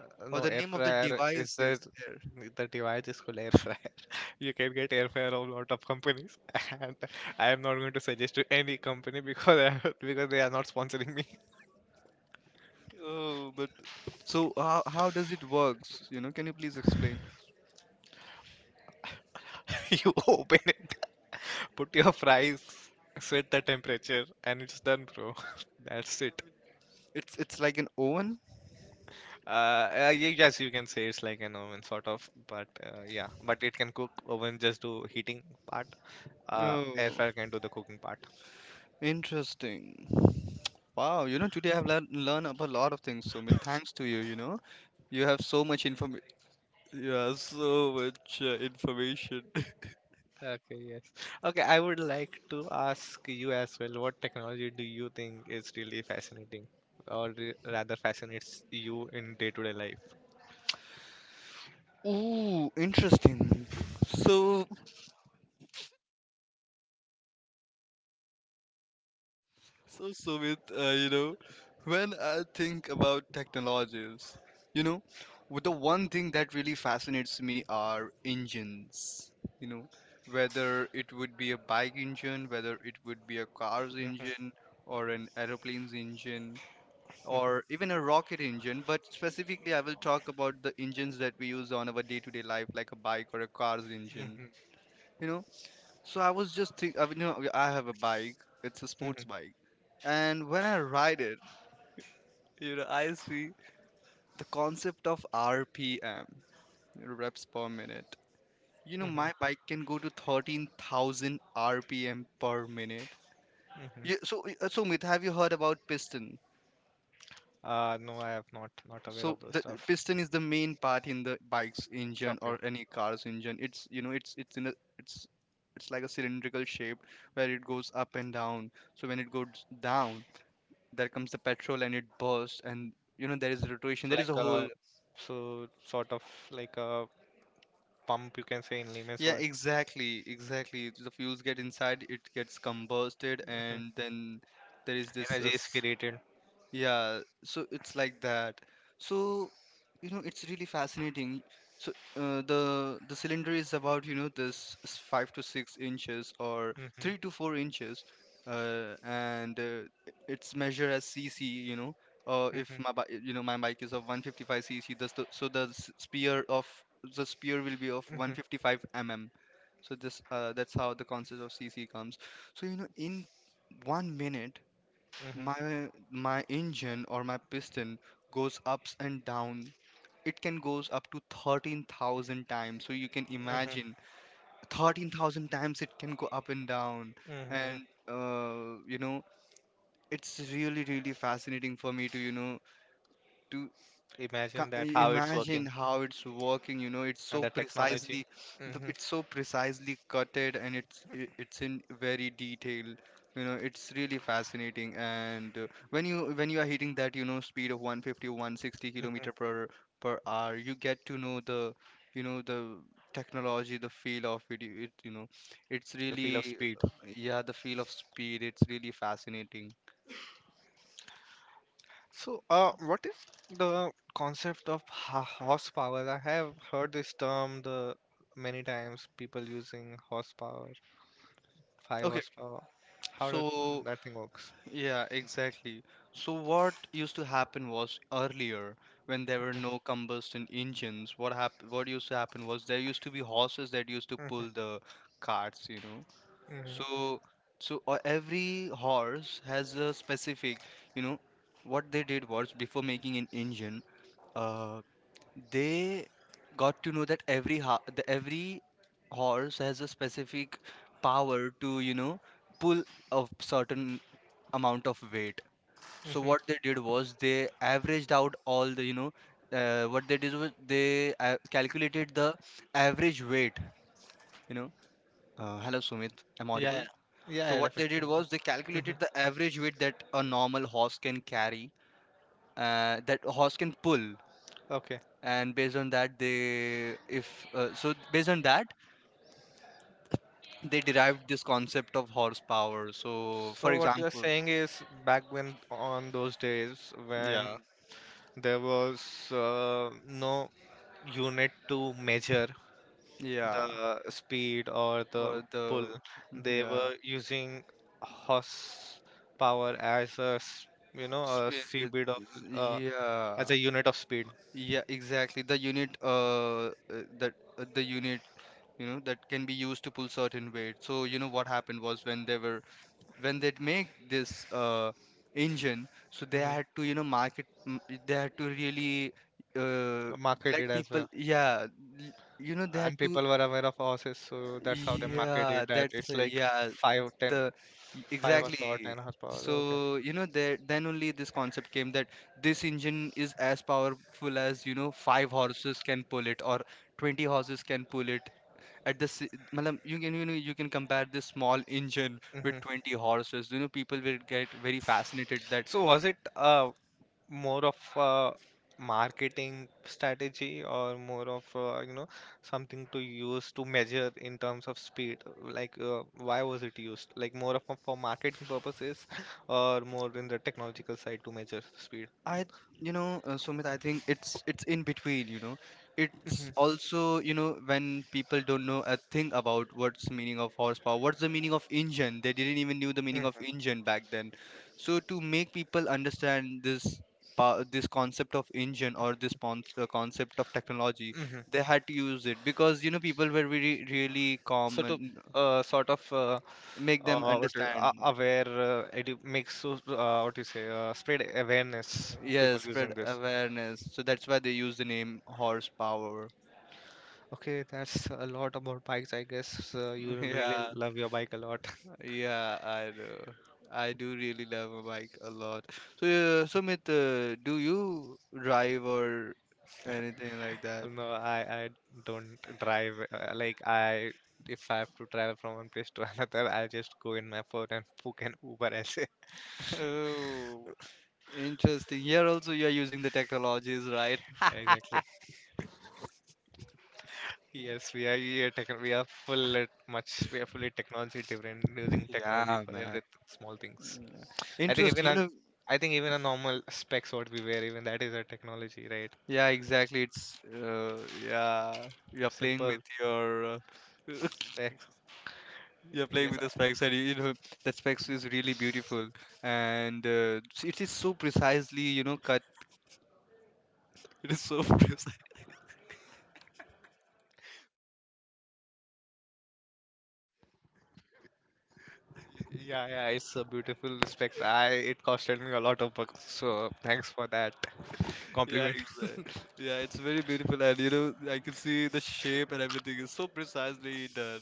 [SPEAKER 2] or
[SPEAKER 1] No,
[SPEAKER 2] the
[SPEAKER 1] air
[SPEAKER 2] name of the
[SPEAKER 1] fryer is
[SPEAKER 2] device is
[SPEAKER 1] that
[SPEAKER 2] air.
[SPEAKER 1] the device is called air fryer. (laughs) You can get air fryer of lot of companies, (laughs) and I am not going to suggest to any company because I, (laughs) because they are not sponsoring me.
[SPEAKER 2] Oh, but so how does it works? You know, can you please explain?
[SPEAKER 1] (laughs) You open it, (laughs) put your fries, set the temperature, and it's done, bro. (laughs) That's it.
[SPEAKER 2] It's like an oven.
[SPEAKER 1] Yes, you can say it's like an oven sort of, but yeah, but it can cook oven just do heating part. Air
[SPEAKER 2] Oh,
[SPEAKER 1] fryer can do the cooking part.
[SPEAKER 2] interesting. Wow, you know, today I've learned learn up a lot of things. So, thanks to you, you know, you have so much information. Yeah, so much information. (laughs)
[SPEAKER 1] Okay, yes. Okay, I would like to ask you as well, what technology do you think is really fascinating, or rather fascinates you in day-to-day life?
[SPEAKER 2] Ooh, interesting. So, Sumit, when I think about technologies, you know, the one thing that really fascinates me are engines. You know, whether it would be a bike engine, whether it would be a car's engine,
[SPEAKER 1] Mm-hmm,
[SPEAKER 2] or an aeroplane's engine, or even a rocket engine. But specifically, I will talk about the engines that we use on our day-to-day life, like a bike or a car's engine. You know, so I was just I mean, you know, I have a bike. It's a sports
[SPEAKER 1] mm-hmm,
[SPEAKER 2] bike, and when I ride it, you know, I see the concept of RPM, you know, reps per minute. You know,
[SPEAKER 1] mm-hmm,
[SPEAKER 2] my bike can go to 13,000 RPM per minute. Yeah.
[SPEAKER 1] mm-hmm.
[SPEAKER 2] So, Mit, have you heard about piston?
[SPEAKER 1] No, I have not, not aware
[SPEAKER 2] So
[SPEAKER 1] of those
[SPEAKER 2] the
[SPEAKER 1] stuff.
[SPEAKER 2] piston is the main part in the bike's engine or
[SPEAKER 1] Okay.
[SPEAKER 2] any car's engine. It's, you know, it's in a, it's it's like a cylindrical shape where it goes up and down. So when it goes down, there comes the petrol and it bursts, and, you know, there is rotation,
[SPEAKER 1] So
[SPEAKER 2] there is a
[SPEAKER 1] like
[SPEAKER 2] whole.
[SPEAKER 1] a, so sort of like a pump, you can say in layman's
[SPEAKER 2] Yeah,
[SPEAKER 1] word.
[SPEAKER 2] exactly the fuels get inside, it gets combusted,
[SPEAKER 1] Hmm.
[SPEAKER 2] and then there is this,
[SPEAKER 1] Energy is created.
[SPEAKER 2] yeah, so it's like that. So, you know, it's really fascinating. So, the cylinder is about, you know, this 5 to 6 inches or three to
[SPEAKER 1] Mm-hmm,
[SPEAKER 2] four inches, and it's measured as cc. You know, if my bi
[SPEAKER 1] mm-hmm,
[SPEAKER 2] you know my bike is of 155 cc, thus the so the spear of the spear will be of
[SPEAKER 1] mm-hmm,
[SPEAKER 2] 155 mm. So this, that's how the concept of cc comes. So you know, in 1 minute
[SPEAKER 1] mm-hmm,
[SPEAKER 2] my engine or my piston goes ups and down. It can goes up to 13,000 times, so you can imagine
[SPEAKER 1] mm-hmm.
[SPEAKER 2] 13,000 times it can go up and down.
[SPEAKER 1] Mm-hmm.
[SPEAKER 2] And You know, it's really really fascinating for me to to
[SPEAKER 1] Imagine
[SPEAKER 2] ca-
[SPEAKER 1] that how it's
[SPEAKER 2] imagine
[SPEAKER 1] working.
[SPEAKER 2] how it's working. You know, it's
[SPEAKER 1] And
[SPEAKER 2] so
[SPEAKER 1] the technology.
[SPEAKER 2] precisely
[SPEAKER 1] Hmm.
[SPEAKER 2] it's so precisely cutted, and it's in very detail. You know, it's really fascinating. And When you when you are hitting that, you know, speed of 150, one sixty
[SPEAKER 1] Hmm.
[SPEAKER 2] kilometer per hour, you get to know the you know the technology, the feel of it. You know it's
[SPEAKER 1] The feel of
[SPEAKER 2] really
[SPEAKER 1] speed.
[SPEAKER 2] yeah, the feel of speed, it's really fascinating.
[SPEAKER 1] So what is the concept of horsepower? I have heard this term the many times, people using horsepower, five
[SPEAKER 2] Okay,
[SPEAKER 1] horsepower. How does
[SPEAKER 2] so
[SPEAKER 1] that thing works?
[SPEAKER 2] yeah, exactly. So what used to happen was, earlier when there were no combustion engines, what hap what used to happen was there used to be horses that used to
[SPEAKER 1] Hmm.
[SPEAKER 2] pull the carts, you know.
[SPEAKER 1] Hmm.
[SPEAKER 2] So every horse has a specific, you know. What they did was before making an engine, uh they got to know that every horse has a specific power to, you know, pull a certain amount of weight. So what
[SPEAKER 1] Hmm.
[SPEAKER 2] they did was they averaged out all the, you know, what they did was they calculated the average weight, you know. Hello, Sumit, am I
[SPEAKER 1] Yeah, yeah,
[SPEAKER 2] audible?
[SPEAKER 1] yeah, yeah,
[SPEAKER 2] So what they
[SPEAKER 1] definitely.
[SPEAKER 2] did was they
[SPEAKER 1] Hmm.
[SPEAKER 2] calculated the average weight that a normal horse can carry, that a horse can pull.
[SPEAKER 1] Okay.
[SPEAKER 2] And based on that they, if so, based on that they derived this concept of horsepower. So
[SPEAKER 1] So
[SPEAKER 2] for
[SPEAKER 1] what you're
[SPEAKER 2] example,
[SPEAKER 1] saying is back when on those days when
[SPEAKER 2] yeah,
[SPEAKER 1] there was no unit to measure
[SPEAKER 2] yeah,
[SPEAKER 1] the speed or the
[SPEAKER 2] or
[SPEAKER 1] pull,
[SPEAKER 2] the,
[SPEAKER 1] they
[SPEAKER 2] yeah.
[SPEAKER 1] were using horse power as a you know a
[SPEAKER 2] Sp- it-
[SPEAKER 1] seabed of, uh, as
[SPEAKER 2] Yeah,
[SPEAKER 1] a unit of speed.
[SPEAKER 2] yeah, exactly. The unit, that the unit, you know, that can be used to pull certain weight. So you know what happened was when they were when they'd make this engine, so they
[SPEAKER 1] Hmm.
[SPEAKER 2] had to, you know, market, they had to really uh let
[SPEAKER 1] Marketed as
[SPEAKER 2] people,
[SPEAKER 1] well,
[SPEAKER 2] yeah, you know, they had
[SPEAKER 1] and
[SPEAKER 2] to,
[SPEAKER 1] people were aware of horses, so that's how they marketed
[SPEAKER 2] yeah,
[SPEAKER 1] that.
[SPEAKER 2] that's
[SPEAKER 1] It's like
[SPEAKER 2] yeah,
[SPEAKER 1] five, ten,
[SPEAKER 2] the
[SPEAKER 1] five
[SPEAKER 2] exactly.
[SPEAKER 1] horsepower, ten horsepower. Okay.
[SPEAKER 2] So you know, there then only this concept came that this engine is as powerful as, you know, five horses can pull it or 20 horses can pull it. at the si- Matlab, you can, you know, you can compare this small engine
[SPEAKER 1] Hmm.
[SPEAKER 2] with 20 horses. You know, people will get very fascinated that
[SPEAKER 1] So was it more of a marketing strategy, or more of, you know, something to use to measure in terms of speed, like why was it used? Like more of a, for marketing purposes, or more in the technological side to measure speed?
[SPEAKER 2] I, you know, Sumit, I think it's in between, you know. It's
[SPEAKER 1] Hmm.
[SPEAKER 2] also, you know, when people don't know a thing about what's the meaning of horsepower, what's the meaning of engine. They didn't even knew the meaning of
[SPEAKER 1] Hmm.
[SPEAKER 2] engine back then. So to make people understand this this concept of engine or this concept of technology,
[SPEAKER 1] Hmm.
[SPEAKER 2] they had to use it because, you know, people were really really
[SPEAKER 1] So
[SPEAKER 2] calm,
[SPEAKER 1] to
[SPEAKER 2] and
[SPEAKER 1] sort of
[SPEAKER 2] make them
[SPEAKER 1] what
[SPEAKER 2] understand.
[SPEAKER 1] aware, makes, so what you say, spread awareness, people
[SPEAKER 2] Yes, spread
[SPEAKER 1] using this.
[SPEAKER 2] awareness. So that's why they use the name horsepower.
[SPEAKER 1] Okay, that's a lot about bikes, I guess.
[SPEAKER 2] (laughs)
[SPEAKER 1] You really
[SPEAKER 2] Yeah.
[SPEAKER 1] love your bike a lot.
[SPEAKER 2] Yeah, I know. I do really love my bike a lot. So, Sumit, do you drive or anything like that?
[SPEAKER 1] No, I don't drive. Like I, if I have to travel from one place to (laughs) another, I'll just go in my phone and (laughs) book an Uber. As it.
[SPEAKER 2] (laughs) Oh, interesting. Here also you are using the technologies, right? (laughs)
[SPEAKER 1] Exactly. Yes, we are, techn we are full at much. We are fully technology different, using technology
[SPEAKER 2] Yeah,
[SPEAKER 1] for
[SPEAKER 2] man.
[SPEAKER 1] every small things. I think even
[SPEAKER 2] Interesting. You
[SPEAKER 1] a,
[SPEAKER 2] know,
[SPEAKER 1] I think even a normal specs what we wear, even that is a technology, right?
[SPEAKER 2] yeah, exactly. It's Yeah, you're playing
[SPEAKER 1] Simple
[SPEAKER 2] with your (laughs)
[SPEAKER 1] specs.
[SPEAKER 2] you're playing
[SPEAKER 1] Yes.
[SPEAKER 2] with
[SPEAKER 1] I,
[SPEAKER 2] the specs, and you know, the specs is really beautiful, and it is so precisely, you know, cut. (laughs) It is so (laughs) precise.
[SPEAKER 1] yeah, yeah, it's a beautiful spec. I it costed me a lot of bucks, so thanks for that
[SPEAKER 2] Yeah,
[SPEAKER 1] compliment.
[SPEAKER 2] exactly. Yeah, it's very beautiful, and you know, I can see the shape, and everything is so precisely done.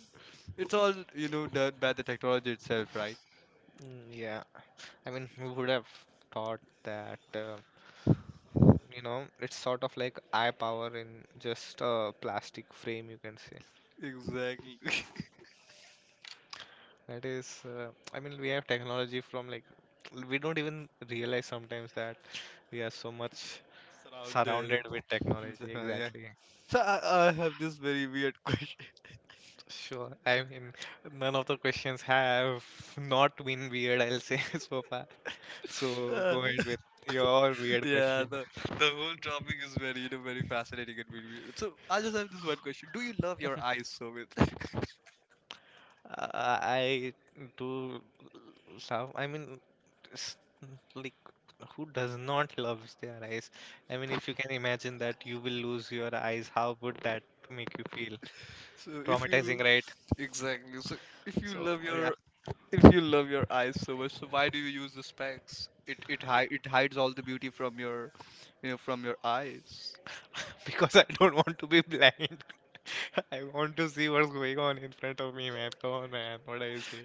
[SPEAKER 2] It's all, you know, done by the technology itself, right?
[SPEAKER 1] Yeah. I mean, who would have thought that, you know, it's sort of like eye power in just a plastic frame, you can say.
[SPEAKER 2] Exactly. (laughs)
[SPEAKER 1] That is, I mean, we have technology from like, we don't even realize sometimes that we are so much surrounded
[SPEAKER 2] Surrounded.
[SPEAKER 1] with technology.
[SPEAKER 2] Yeah.
[SPEAKER 1] Exactly.
[SPEAKER 2] I have this very weird question. (laughs)
[SPEAKER 1] Sure. I mean, none of the questions have not been weird, I'll say (laughs) so far. So
[SPEAKER 2] Uh,
[SPEAKER 1] go ahead with your weird
[SPEAKER 2] yeah,
[SPEAKER 1] question.
[SPEAKER 2] the the whole topic is very, you know, very fascinating and very weird. So I just have this one question: do you love your eyes so much? (laughs)
[SPEAKER 1] I do love. I mean, s- like who does not (laughs) love their eyes? I mean, if you can imagine that you will lose your eyes, how would that make you feel?
[SPEAKER 2] So if
[SPEAKER 1] Traumatizing,
[SPEAKER 2] you
[SPEAKER 1] right?
[SPEAKER 2] exactly, so if you
[SPEAKER 1] So
[SPEAKER 2] love
[SPEAKER 1] yeah,
[SPEAKER 2] your, if you love your eyes so much, so why do you use the specs? It it hides all the beauty from your, you know, from your eyes.
[SPEAKER 1] (laughs) because I don't want to be blind. (laughs) I want to see what's going on in front of me, man. Come on, man. What I say?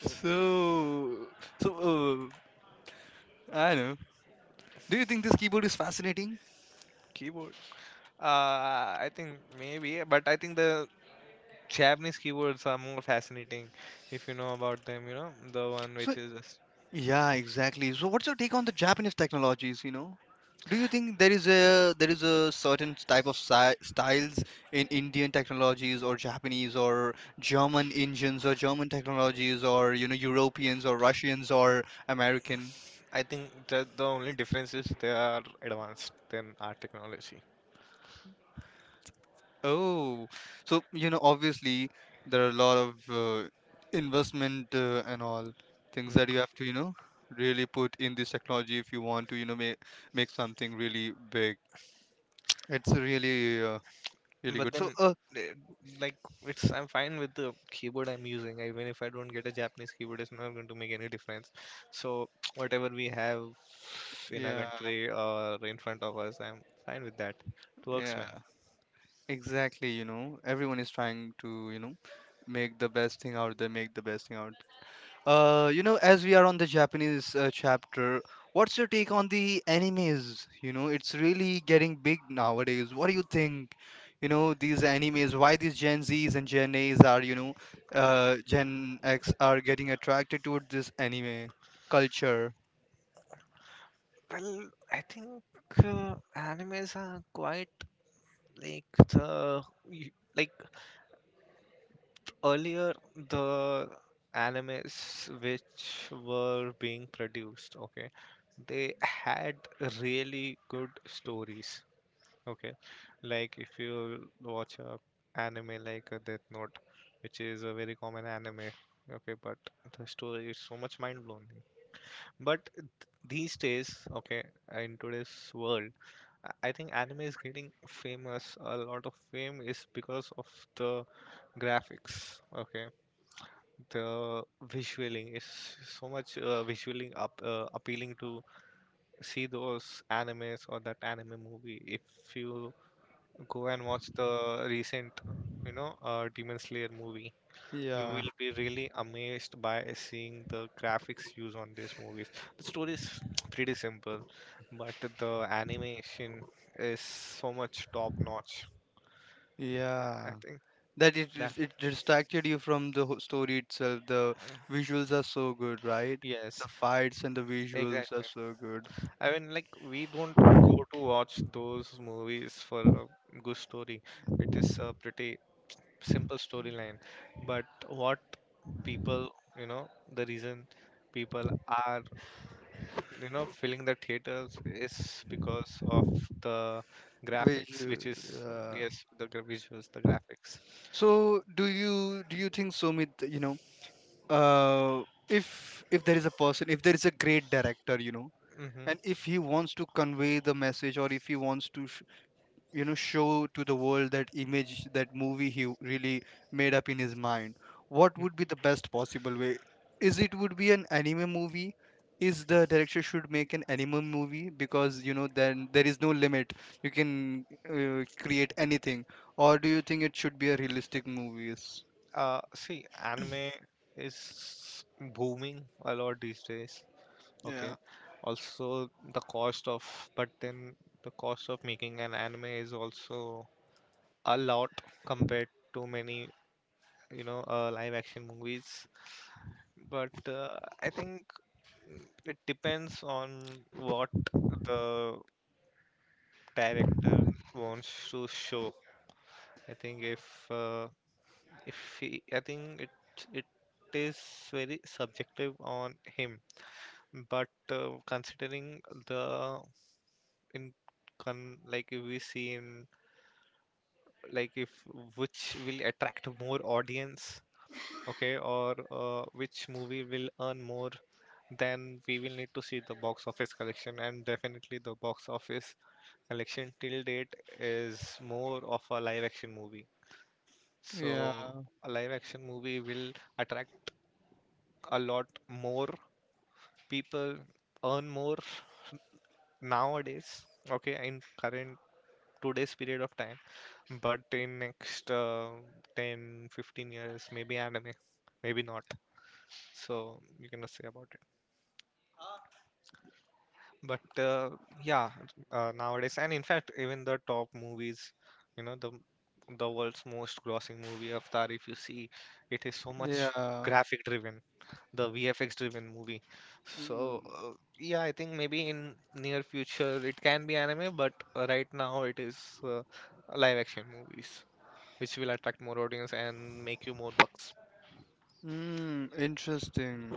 [SPEAKER 1] Uh,
[SPEAKER 2] So so uh, I know. Do you think this keyboard is fascinating?
[SPEAKER 1] Keyboard. Uh, I think maybe, but I think the Japanese keywords are more fascinating if you know about them, you know, the one which
[SPEAKER 2] So
[SPEAKER 1] is.
[SPEAKER 2] yeah, exactly. So what's your take on the Japanese technologies? You know, do you think there is a certain type of styles in Indian technologies or Japanese or German engines or German technologies or you know Europeans or Russians or American?
[SPEAKER 1] I think the only difference is they are advanced than our technology.
[SPEAKER 2] Oh, so you know, obviously there are a lot of investment, and all things that
[SPEAKER 1] Mhm.
[SPEAKER 2] you have to, you know, really put in this technology if you want to, you know, make something really big. It's really, really
[SPEAKER 1] But
[SPEAKER 2] good. So,
[SPEAKER 1] then eh, like it's I'm fine with the keyboard I'm using. Even if I don't get a Japanese keyboard, it's not going to make any difference. So (sniffs) (tsk) whatever we have in our
[SPEAKER 2] yeah,
[SPEAKER 1] country or in front of us, I'm fine with that. It works,
[SPEAKER 2] yeah,
[SPEAKER 1] man.
[SPEAKER 2] exactly. You know, everyone is trying to, you know, make the best thing out there, make the best thing out. You know, as we are on the Japanese chapter, what's your take on the animes? You know, it's really getting big nowadays. What do you think? You know, these animes, why these Gen Zs and Gen As are, you know, Gen X are getting attracted toward this anime culture?
[SPEAKER 1] Well, I think animes are quite like the y- like earlier the animes which were being produced, okay, they had really good stories, okay, like if you watch a anime like a death note, which is a very common anime, okay, but the story is so much mind blowing. But these days, okay, in today's world, I think anime is getting famous. A lot of fame is because of the graphics. Okay. The visualing is so much visualing up appealing to see those animes or that anime movie. If you go and watch the recent, you know, Demon Slayer movie, you
[SPEAKER 2] Yeah,
[SPEAKER 1] will be really amazed by seeing the graphics used on these movies. The story is pretty simple, but the animation is so much top notch. I
[SPEAKER 2] yeah.
[SPEAKER 1] think
[SPEAKER 2] That
[SPEAKER 1] that
[SPEAKER 2] it it distracted you from the whole story itself. The visuals are so good, right? The
[SPEAKER 1] Yes,
[SPEAKER 2] fights and the visuals
[SPEAKER 1] exactly.
[SPEAKER 2] are so good.
[SPEAKER 1] I mean, like, we don't go to watch those movies for a good story. It is a pretty simple storyline. But what people, you know, the reason people are, you know, filling the theaters is because of the graphics, which
[SPEAKER 2] Visual,
[SPEAKER 1] yes, the visuals, the graphics.
[SPEAKER 2] so do you think, Sumit, you know, uh, if there is a person, if there is a great director, you know,
[SPEAKER 1] Hmm.
[SPEAKER 2] and if he wants to convey the message, or if he wants to, you know, show to the world that image, that movie he really made up in his mind, what would be the best possible way? Is it would be an anime movie? Is the director should make an anime movie because, you know, then there is no limit. You can create anything. Or do you think it should be a realistic movies?
[SPEAKER 1] See, anime is booming a lot these days.
[SPEAKER 2] Yeah.
[SPEAKER 1] Okay. Also, the cost of, but then the cost of making an anime is also a lot compared to many, you know, live action movies. But I think it depends on what the director wants to show. I think if he, I think it it is very subjective on him. But considering the in con like if we see in like if which will attract more audience, okay, or which movie will earn more, then we will need to see the box office collection. And definitely the box office collection till date is more of a live action movie. So
[SPEAKER 2] Yeah,
[SPEAKER 1] a live action movie will attract a lot more people, earn more nowadays, okay, in current today's period of time. But in next 10 15 years maybe anime, maybe not. So you cannot say about it. But yeah, nowadays, and in fact even the top movies, you know, the world's most grossing movie, Avatar, if you see, it is so much
[SPEAKER 2] yeah.
[SPEAKER 1] graphic driven, the VFX driven movie.
[SPEAKER 2] Mm.
[SPEAKER 1] So uh, yeah, I think maybe in near future it can be anime. But right now it is uh, live action movies which will attract more audience and make you more bucks.
[SPEAKER 2] Mm, interesting.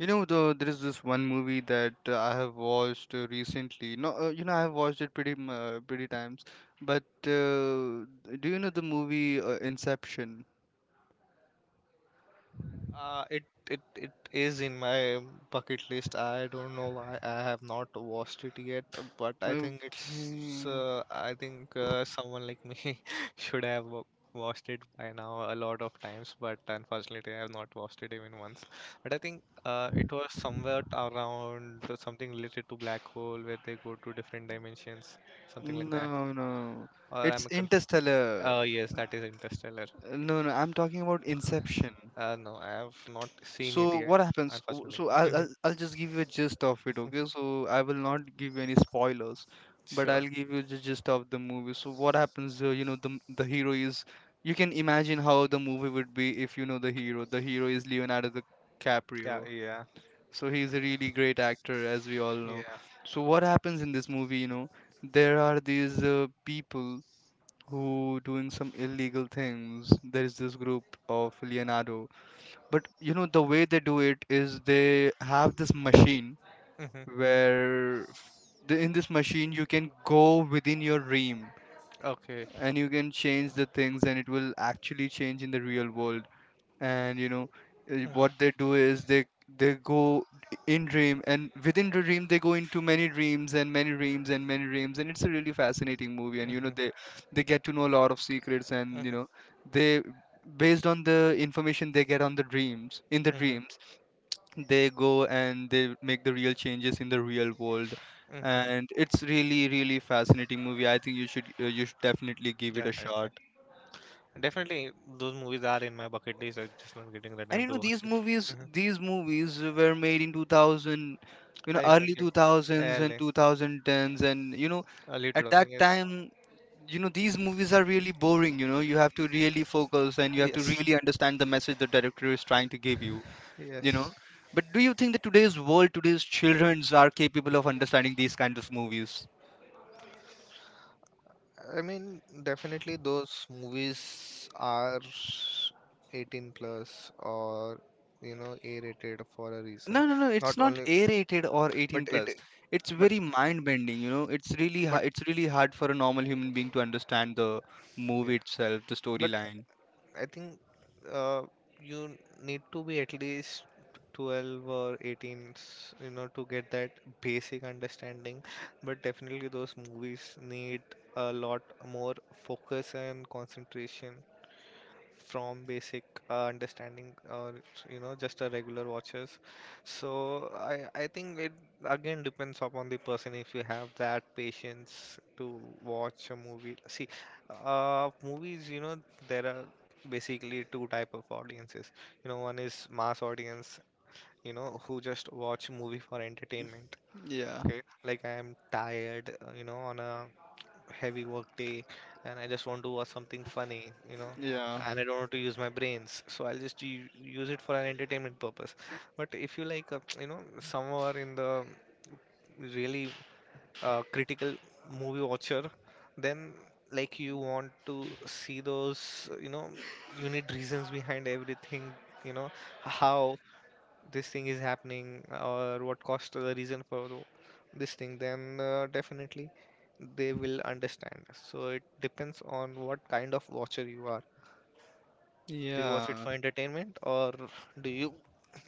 [SPEAKER 2] You know, though, there is this one movie that I have watched recently. No, you know, I have watched it pretty, pretty times. But do you know the movie Inception?
[SPEAKER 1] Uh, it, it is in my bucket list. I don't know why I have not watched it yet, but I think it's
[SPEAKER 2] Okay.
[SPEAKER 1] I think someone like me (laughs) should have watched it by now a lot of times, but unfortunately I have not watched it even once. But I think it was somewhere around something related to black hole where they go to different dimensions, something like that.
[SPEAKER 2] No, no.
[SPEAKER 1] Or
[SPEAKER 2] It's
[SPEAKER 1] I'm a conf-
[SPEAKER 2] Interstellar.
[SPEAKER 1] Uh, yes, that is Interstellar.
[SPEAKER 2] No, no, I'm talking about Inception.
[SPEAKER 1] No, I have not seen it
[SPEAKER 2] So
[SPEAKER 1] yet,
[SPEAKER 2] what happens?
[SPEAKER 1] unfortunately.
[SPEAKER 2] So
[SPEAKER 1] Hmm.
[SPEAKER 2] I'll just give you a gist of it, okay? So I will not give you any spoilers, but
[SPEAKER 1] Sure.
[SPEAKER 2] I'll give you the gist of the movie. So what happens? You know, the hero is. You can imagine how the movie would be if you know the hero. The hero is Leonardo
[SPEAKER 1] Yeah,
[SPEAKER 2] DiCaprio.
[SPEAKER 1] yeah,
[SPEAKER 2] So he's a really great actor, as we all know.
[SPEAKER 1] yeah.
[SPEAKER 2] So what happens in this movie? You know, there are these people who doing some illegal things. There is this group of Leonardo, but you know, the way they do it is they have this machine
[SPEAKER 1] Hmm.
[SPEAKER 2] where in this machine you can go within your dream,
[SPEAKER 1] Okay.
[SPEAKER 2] and you can change the things, and it will actually change in the real world. And you know, what
[SPEAKER 1] Hmm.
[SPEAKER 2] they do is they go in dream, and within the dream they go into many dreams and many dreams and many dreams, and it's a really fascinating movie. And you know, they
[SPEAKER 1] Hmm.
[SPEAKER 2] get to know a lot of secrets, and you know,
[SPEAKER 1] Hmm.
[SPEAKER 2] they, based on the information they get on the dreams, in the
[SPEAKER 1] Hmm.
[SPEAKER 2] dreams, they go and they make the real changes in the real world.
[SPEAKER 1] Hmm.
[SPEAKER 2] And it's really really fascinating movie. I think you should definitely give it a
[SPEAKER 1] Definitely.
[SPEAKER 2] shot.
[SPEAKER 1] Definitely, those movies are in my bucket list. I'm just not getting the
[SPEAKER 2] And
[SPEAKER 1] time
[SPEAKER 2] you
[SPEAKER 1] to
[SPEAKER 2] know,
[SPEAKER 1] watch it. Hmm.
[SPEAKER 2] these movies were made in 2000, you know, early
[SPEAKER 1] Exactly.
[SPEAKER 2] 2000s and
[SPEAKER 1] Early,
[SPEAKER 2] 2010s. And you know,
[SPEAKER 1] early
[SPEAKER 2] at that
[SPEAKER 1] 2000, yes.
[SPEAKER 2] time, you know, these movies are really boring. You know, you have to really focus, and you have to
[SPEAKER 1] Yes,
[SPEAKER 2] really understand the message the director is trying to give you. You
[SPEAKER 1] yes.
[SPEAKER 2] know, but do you think that today's world, today's childrens are capable of understanding these kinds of movies?
[SPEAKER 1] I mean, definitely those movies are 18 plus or you know A rated for a reason.
[SPEAKER 2] No, no, no, it's
[SPEAKER 1] Not
[SPEAKER 2] not
[SPEAKER 1] only,
[SPEAKER 2] a rated or 18
[SPEAKER 1] but it,
[SPEAKER 2] plus. It's
[SPEAKER 1] but
[SPEAKER 2] very mind bending. You know,
[SPEAKER 1] but
[SPEAKER 2] it's really hard for a normal human being to understand the movie
[SPEAKER 1] yeah,
[SPEAKER 2] itself, the
[SPEAKER 1] but
[SPEAKER 2] storyline.
[SPEAKER 1] I think uh, you need to be at least 12 or 18 you know to get that basic understanding. But definitely those movies need a lot more focus and concentration from basic understanding, or you know just a regular watches. So I think it again depends upon the person. If you have that patience to watch a movie, see, movies, you know, there are basically two type of audiences, you know. One is mass audience, you know, who just watch movie for entertainment.
[SPEAKER 2] Yeah,
[SPEAKER 1] Okay, like I am tired, you know, on a heavy work day, and I just want to watch something funny, you know,
[SPEAKER 2] yeah,
[SPEAKER 1] and I don't want to use my brains. So I'll just use it for an entertainment purpose. But if you like, you know, somewhere in the really critical movie watcher, then like you want to see those, you know, you need reasons behind everything, you know, how this thing is happening or what caused the reason for this thing, then definitely they will understand. So it depends on what kind of watcher you are. Do you watch it
[SPEAKER 2] yeah.
[SPEAKER 1] for entertainment, or do you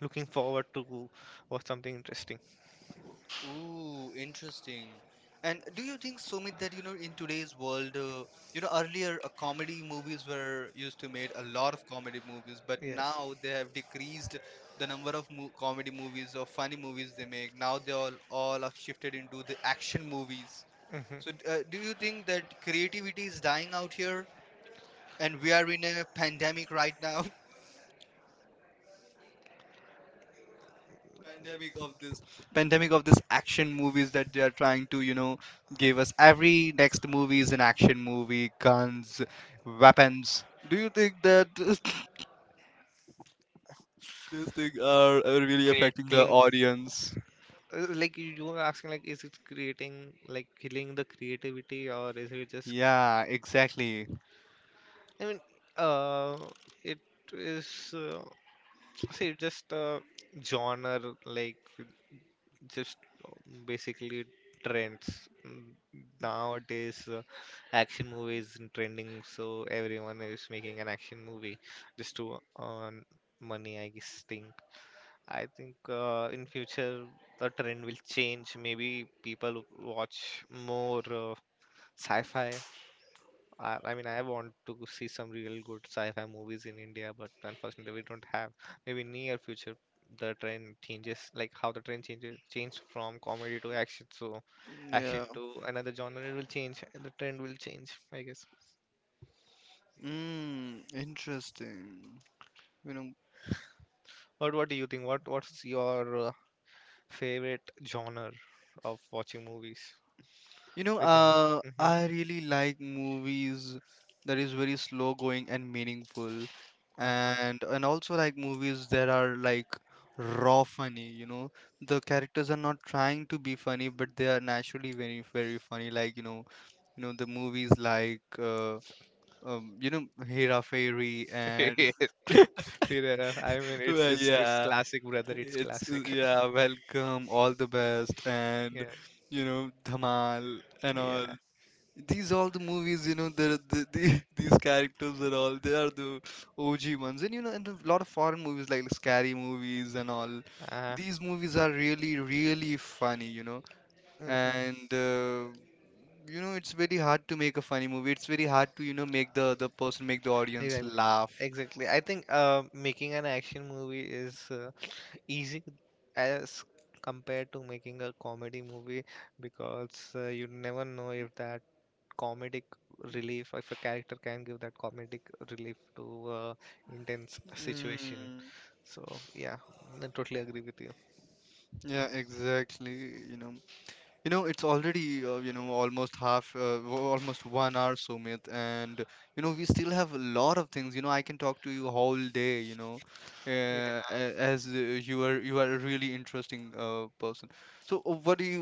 [SPEAKER 1] looking forward to watch something interesting?
[SPEAKER 2] Ooh, interesting. And do you think, Sumit, that you know in today's world, you know earlier comedy movies were used to made, a lot of comedy movies, but now they have decreased the number of mo comedy movies or funny movies they make. Now they all have shifted into the action movies. So,
[SPEAKER 1] Hmm.
[SPEAKER 2] do you think that creativity is dying out here, and we are in a pandemic right now? Pandemic of this pandemic of this action movies that they are trying to, you know, give us. Every next movie is an action movie, guns, weapons. Do you think that (laughs) these things are really
[SPEAKER 1] Create
[SPEAKER 2] affecting the
[SPEAKER 1] killing.
[SPEAKER 2] audience?
[SPEAKER 1] Like you were asking, like is it creating like killing the creativity, or is it just?
[SPEAKER 2] Yeah, exactly.
[SPEAKER 1] I mean, uh, it is. Uh, See, just genre like just uh, basically trends, nowadays. Action movies in trending, so everyone is making an action movie just to earn money. I guess think. I think in future the trend will change. Maybe people watch more sci-fi. I mean, I want to see some real good sci-fi movies in India, but unfortunately, we don't have. Maybe near future the trend changes, like how changed from comedy to action. So
[SPEAKER 2] Yeah.
[SPEAKER 1] action to another genre, it will change, and the trend will change, I guess.
[SPEAKER 2] Mm, interesting, you know.
[SPEAKER 1] But what do you think? What's your favorite genre of watching movies?
[SPEAKER 2] You know,
[SPEAKER 1] Which genre? Hmm.
[SPEAKER 2] I really like movies that is very slow going and meaningful,
[SPEAKER 1] (laughs)
[SPEAKER 2] and also like movies that are like raw funny. You know, the characters are not trying to be funny, but they are naturally very very funny. Like the movies like Hera Fairy and
[SPEAKER 1] Yes, (laughs) Free Rider. I
[SPEAKER 2] (laughs)
[SPEAKER 1] mean, it's
[SPEAKER 2] well,
[SPEAKER 1] it's it's
[SPEAKER 2] yeah,
[SPEAKER 1] classic, brother. It's
[SPEAKER 2] it's
[SPEAKER 1] classic.
[SPEAKER 2] yeah,
[SPEAKER 1] (laughs)
[SPEAKER 2] welcome, all the best, and
[SPEAKER 1] Yeah,
[SPEAKER 2] Dhamal and all.
[SPEAKER 1] yeah.
[SPEAKER 2] These all the movies, the, (laughs) these characters are all, they are the OG ones. And you know and a lot of foreign movies like scary movies and all,
[SPEAKER 1] Uh,
[SPEAKER 2] these movies are really really funny. you know
[SPEAKER 1] mhm.
[SPEAKER 2] and it's very hard to make a funny movie. It's very hard to, make the person make the audience
[SPEAKER 1] Exactly.
[SPEAKER 2] laugh.
[SPEAKER 1] Exactly. I think making an action movie is easy as compared to making a comedy movie, because you never know if that comedic relief, if a character can give that comedic relief to uh, intense situation.
[SPEAKER 2] Mm,
[SPEAKER 1] So yeah, I totally agree with you.
[SPEAKER 2] yeah, exactly you know it's already almost half, almost 1 hour, Sumit, and we still have a lot of things. I can talk to you whole day. As you are a really interesting person. So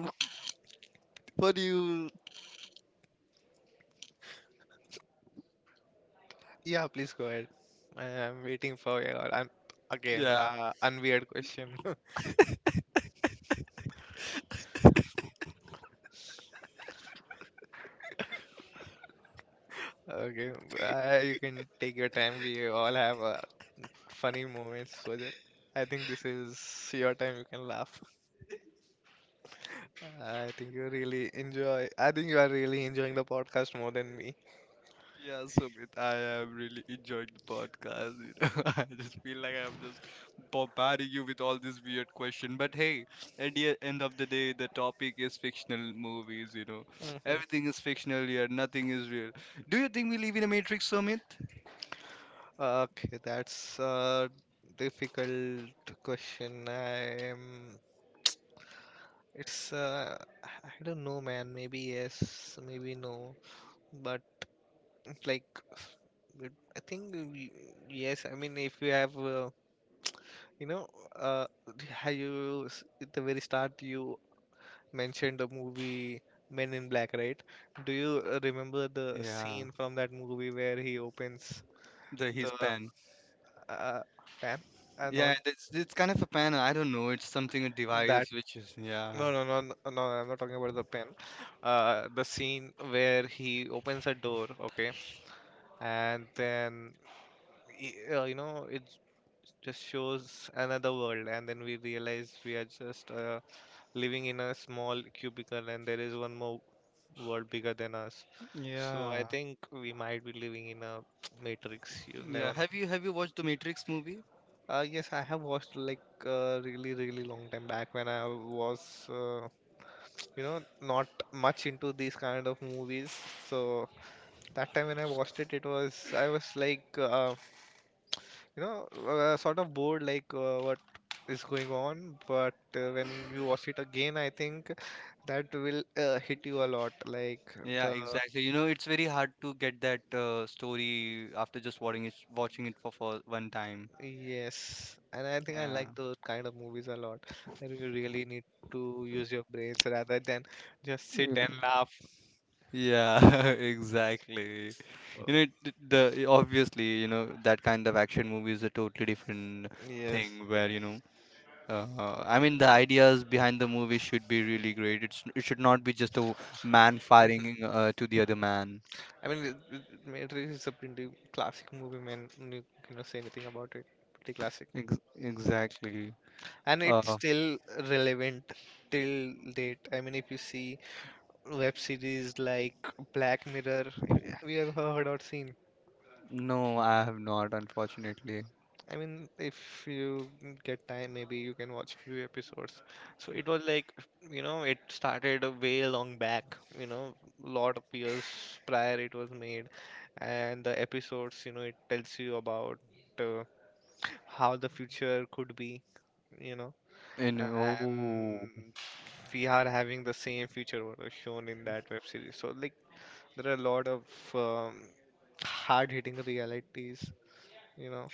[SPEAKER 2] what do you?
[SPEAKER 1] Yeah, please go ahead. I am waiting for your an again
[SPEAKER 2] Yeah.
[SPEAKER 1] unweird question. (laughs) Okay, you can take your time. We all have funny moments, so that I think this is your time. You can laugh. (laughs) I think you are really enjoying the podcast more than me.
[SPEAKER 2] Yeah, Sumit, I am really enjoying the podcast. (laughs) I just feel like I'm just bombarding you with all this weird question. But hey, at the end of the day, the topic is fictional movies.
[SPEAKER 1] Hmm.
[SPEAKER 2] Everything is fictional here. Nothing is real. Do you think we live in a Matrix, Sumit?
[SPEAKER 1] Okay, that's a difficult question. I'm. It's I don't know, man. Maybe yes, maybe no. But it's like it- I think we, yes. I mean, if you have you know, uh, how you at the very start you mentioned the movie Men in Black, right? Do you remember the
[SPEAKER 2] Yeah,
[SPEAKER 1] scene from that movie where he opens
[SPEAKER 2] the
[SPEAKER 1] the
[SPEAKER 2] his pen.
[SPEAKER 1] uh, fan? No,
[SPEAKER 2] Yeah, it's kind of a pen. I don't know. It's something a
[SPEAKER 1] that
[SPEAKER 2] device which is yeah,
[SPEAKER 1] no, no, no, no, no. I'm not talking about the pen. The scene where he opens a door, okay, and then you know, it just shows another world, and then we realize we are just living in a small cubicle, and there is one more world bigger than us. So I
[SPEAKER 2] yeah,
[SPEAKER 1] think we might be living in a (tsk) matrix. You never
[SPEAKER 2] yeah.
[SPEAKER 1] know.
[SPEAKER 2] Have you watched the Matrix movie?
[SPEAKER 1] Yes, I have watched like really really long time back when I was uh, (tsk) you know, not much into these kind of movies. So that time when I watched it, it was I was like you know, sort of bored, like what is going on. But when you watch it again, I think that will hit you a lot. Like
[SPEAKER 2] Yeah,
[SPEAKER 1] the
[SPEAKER 2] exactly. It's very hard to get that story after just watching it for one time.
[SPEAKER 1] yes, and I think I
[SPEAKER 2] Yeah.
[SPEAKER 1] like those kind of movies a lot. That you really need to use your brains rather than just sit
[SPEAKER 2] You
[SPEAKER 1] and
[SPEAKER 2] know.
[SPEAKER 1] laugh.
[SPEAKER 2] Yeah, (laughs) exactly.
[SPEAKER 1] Uh,
[SPEAKER 2] You know, it- the Obviously, that kind of action movie is a totally different
[SPEAKER 1] Yes,
[SPEAKER 2] thing where, I mean, the ideas behind the movie should be really great. It should not be just a man firing to the other man.
[SPEAKER 1] I mean Matrix is a pretty classic movie, man. You cannot say anything about it. Pretty classic,
[SPEAKER 2] Ex exactly.
[SPEAKER 1] and it's
[SPEAKER 2] Uh,
[SPEAKER 1] still relevant till date. I mean, if you see web series like Black Mirror. Have you ever heard or seen?
[SPEAKER 2] no, I have not, unfortunately.
[SPEAKER 1] I mean, if you get time, maybe you can watch few episodes. So it was like, it started a way long back, lot of years prior it was made, and the episodes, it tells you about uh, how the future could be, you know,
[SPEAKER 2] And oh.
[SPEAKER 1] and we are having the same future what was shown in that web series. So like there are a lot of um, hard-hitting realities, you know,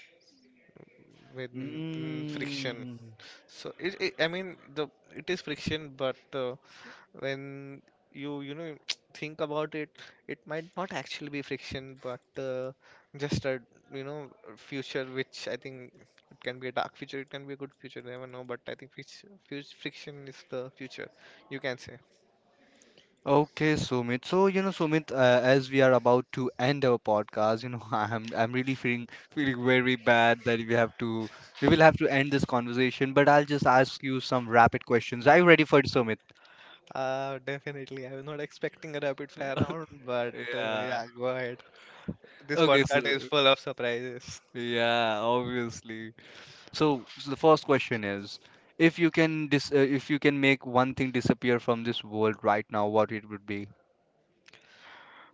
[SPEAKER 1] with friction.
[SPEAKER 2] Mm.
[SPEAKER 1] I mean, the it is friction, but when you know (tsk) think about it, it might not actually be friction, but just a you know future which I think it can be a dark future, it can be a good future, never know. But I think friction is the future, you can say.
[SPEAKER 2] Okay, Sumit. So, Sumit, as we are about to end our podcast, (laughs) I'm really feeling very bad that we will have to end this conversation, but I'll just ask you some rapid questions. Are you ready for it, Sumit?
[SPEAKER 1] Definitely. I was not expecting a rapid fire round, but
[SPEAKER 2] Yeah.
[SPEAKER 1] yeah, go ahead. This
[SPEAKER 2] Okay,
[SPEAKER 1] podcast is
[SPEAKER 2] so
[SPEAKER 1] full of surprises.
[SPEAKER 2] yeah, obviously. So the first question is, if you can make one thing disappear from this world right now, what it would be?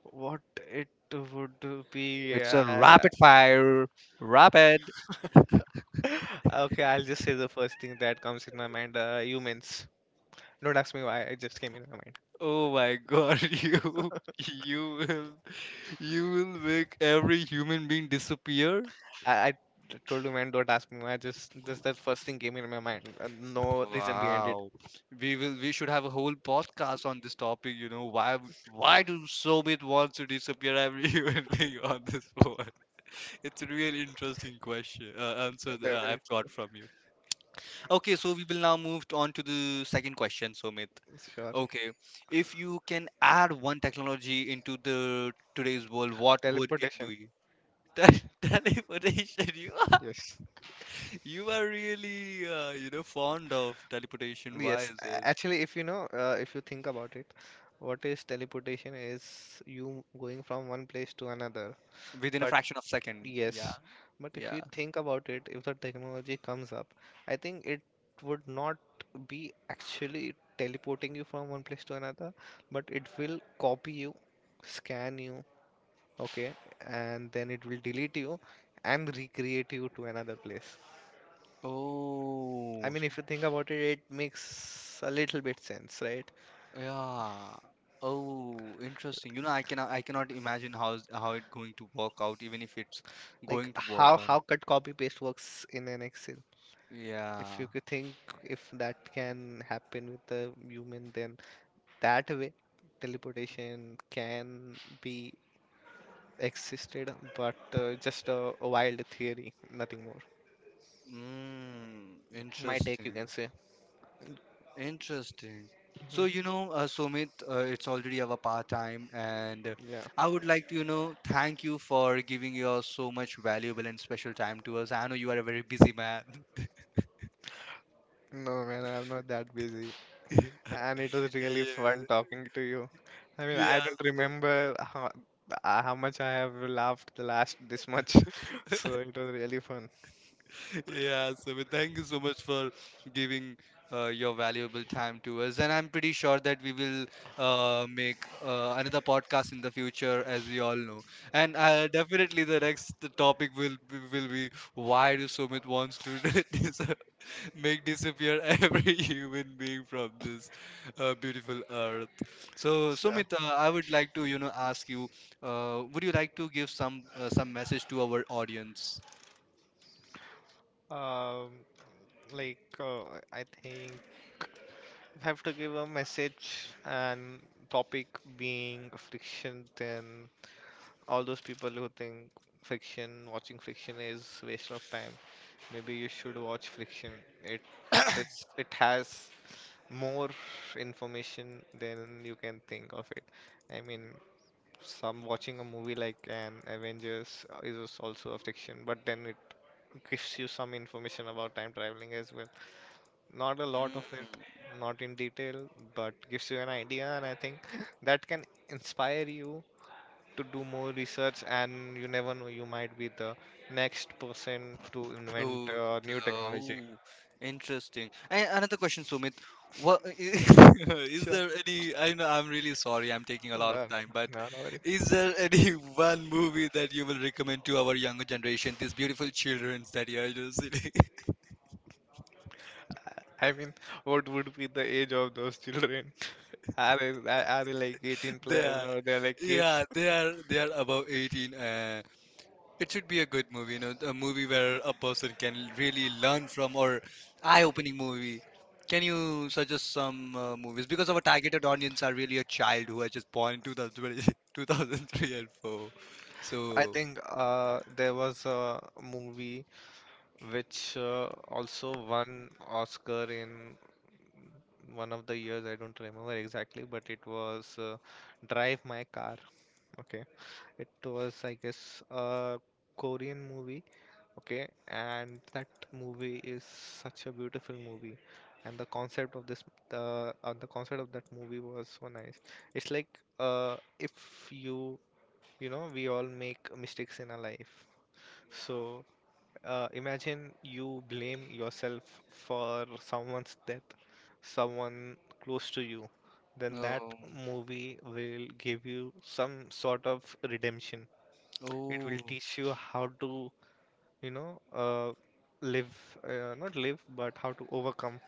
[SPEAKER 1] What it would be?
[SPEAKER 2] It's a rapid fire. Rapid.
[SPEAKER 1] (laughs) Okay, I'll just say the first thing that comes in my mind. Humans. Don't ask me why. It just came in my mind.
[SPEAKER 2] Oh my God, (laughs) you you will you will make every human being disappear?
[SPEAKER 1] I, I told you, man. Don't ask me why. Just the first thing came in my mind. No reason behind it.
[SPEAKER 2] Wow. We should have a whole podcast on this topic. Why do Soviet wants to disappear every (laughs) human being on this world? It's a really interesting question, answer that I've got
[SPEAKER 1] Definitely.
[SPEAKER 2] from you. Okay, so we will now move on to the second question, Sumit.
[SPEAKER 1] Sure.
[SPEAKER 2] Okay. If you can add one technology into the today's world, what would it
[SPEAKER 1] Teleportation.
[SPEAKER 2] be? (laughs) Teleportation. You are
[SPEAKER 1] Yes.
[SPEAKER 2] you are really fond of teleportation. Why
[SPEAKER 1] Yes.
[SPEAKER 2] is it?
[SPEAKER 1] Actually, if you know, if you think about it, what is teleportation? Is you going from one place to another,
[SPEAKER 2] Within a
[SPEAKER 1] but
[SPEAKER 2] fraction of second. Yeah,
[SPEAKER 1] yes, but if
[SPEAKER 2] yeah.
[SPEAKER 1] you think about it, if the technology comes up, I think it would not be actually teleporting you from one place to another, but it will copy you, scan you, okay, and then it will delete you and recreate you to another place. I
[SPEAKER 2] Oh,
[SPEAKER 1] mean, if you think about it, it makes a little bit sense, right?
[SPEAKER 2] yeah. Oh, interesting. I cannot imagine how it going to work out, even if it's
[SPEAKER 1] Like
[SPEAKER 2] going to work
[SPEAKER 1] how
[SPEAKER 2] out.
[SPEAKER 1] how cut copy paste works in an Excel. If
[SPEAKER 2] Yeah.
[SPEAKER 1] you could think if that can happen with the human, then that way teleportation can be existed but just a wild theory nothing more
[SPEAKER 2] Mm,
[SPEAKER 1] my take you
[SPEAKER 2] interesting.
[SPEAKER 1] can say.
[SPEAKER 2] Interesting. So,
[SPEAKER 1] Mhm.
[SPEAKER 2] Sumit, it's already our part time, and
[SPEAKER 1] Yeah,
[SPEAKER 2] I would like to, thank you for giving your so much valuable and special time to us. I know you are a very busy man.
[SPEAKER 1] no man, I'm not that busy, and it was
[SPEAKER 2] (laughs)
[SPEAKER 1] really fun
[SPEAKER 2] Yeah,
[SPEAKER 1] talking to you. I mean, I don't
[SPEAKER 2] yes.
[SPEAKER 1] remember how much I have laughed the last this much (laughs) so it was really fun.
[SPEAKER 2] Yeah, Sumit, thank you so much for giving your valuable time to us. And I'm pretty sure that we will make another podcast in the future, as we all know. And definitely the next topic will be why do Sumit wants to (laughs) dis make disappear every (laughs) human being from this beautiful earth. So,
[SPEAKER 1] Sure.
[SPEAKER 2] Sumit, I would like to, ask you, would you like to give some message to our audience?
[SPEAKER 1] um like uh, I think have to give a message and topic being friction, then all those people who think friction, watching friction is waste of time. Maybe you should watch friction. It it has more information than you can think of it. I mean, some watching a movie like an Avengers is also a friction, but then it gives you some information about time traveling as well, not a lot of it,
[SPEAKER 2] Mm.
[SPEAKER 1] not in detail, but gives you an idea, and I think (laughs) that can inspire you to do more research. And you never know, you might be the next person to invent
[SPEAKER 2] Oh, th-
[SPEAKER 1] new technology.
[SPEAKER 2] oh, interesting. And another question, Sumit. What (laughs) is
[SPEAKER 1] Sure.
[SPEAKER 2] there any? I know I'm really sorry. I'm taking a
[SPEAKER 1] No,
[SPEAKER 2] lot of
[SPEAKER 1] no,
[SPEAKER 2] time, but
[SPEAKER 1] no, no
[SPEAKER 2] is
[SPEAKER 1] worries.
[SPEAKER 2] there any (laughs) one movie that you will recommend to our younger generation, these beautiful children that you are just (laughs) sitting?
[SPEAKER 1] I mean, what would be the age of those children? (laughs) Are they, are they like 18
[SPEAKER 2] They
[SPEAKER 1] plus
[SPEAKER 2] are,
[SPEAKER 1] or they're like kids?
[SPEAKER 2] yeah, they are, they are above 18. uh,
[SPEAKER 1] (laughs)
[SPEAKER 2] It should be a good movie, a movie where a person can really learn from or eye-opening movie. Can you suggest some movies? Because our targeted audience are really a child who has just born in 2020, 2003 (laughs) and 4.
[SPEAKER 1] I
[SPEAKER 2] So,
[SPEAKER 1] think there was a movie which also won Oscar in one of the years. I don't remember exactly, but it was Drive My Car. Okay, it was I guess a Korean movie. Okay, and that movie is such a beautiful movie. And the concept of this, the concept of that movie was so nice. It's like if you, you know, we all make mistakes in our life. So imagine you blame yourself for someone's death, someone close to you, then that
[SPEAKER 2] um,
[SPEAKER 1] movie will give you some sort of redemption. It will
[SPEAKER 2] oh,
[SPEAKER 1] teach you how to, you know, live, not live, but how to overcome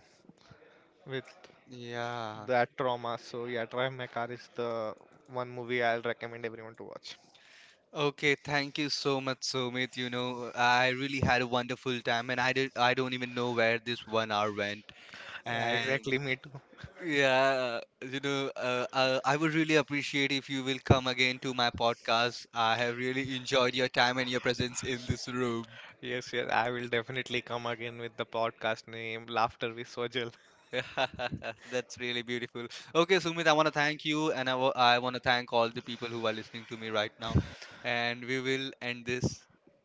[SPEAKER 1] with
[SPEAKER 2] yeah.
[SPEAKER 1] that trauma. So, yeah, Drive My Car is the one movie I'll recommend everyone to watch.
[SPEAKER 2] Okay, thank you so much, Sumit. I really had a wonderful time, and I did, I don't even know where this 1 hour went.
[SPEAKER 1] Yeah,
[SPEAKER 2] And
[SPEAKER 1] exactly. Me too.
[SPEAKER 2] yeah, I would really appreciate if you will come again to my podcast. I have really enjoyed your time and your presence in this room.
[SPEAKER 1] Yes, yes. I will definitely come again with the podcast name Laughter with Sojal.
[SPEAKER 2] (laughs) That's really beautiful. Okay, Sumit, I want to thank you, and I want to thank all the people who are listening to me right now. And we will end this,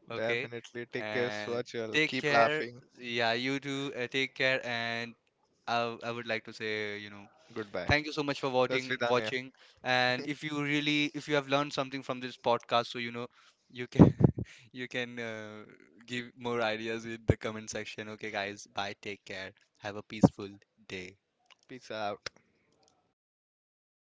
[SPEAKER 2] okay?
[SPEAKER 1] Definitely. Take care,
[SPEAKER 2] And
[SPEAKER 1] Swachal.
[SPEAKER 2] take
[SPEAKER 1] Keep
[SPEAKER 2] care.
[SPEAKER 1] laughing.
[SPEAKER 2] Yeah, you too. Take care, and I would like to say.
[SPEAKER 1] Goodbye.
[SPEAKER 2] Thank you so much for
[SPEAKER 1] That's
[SPEAKER 2] voting,
[SPEAKER 1] Vidanya.
[SPEAKER 2] watching. And if you have learned something from this podcast, so you can, (laughs) you can give more ideas in the comment section. Okay, guys. Bye. Take care. Have a peaceful day.
[SPEAKER 1] Peace out.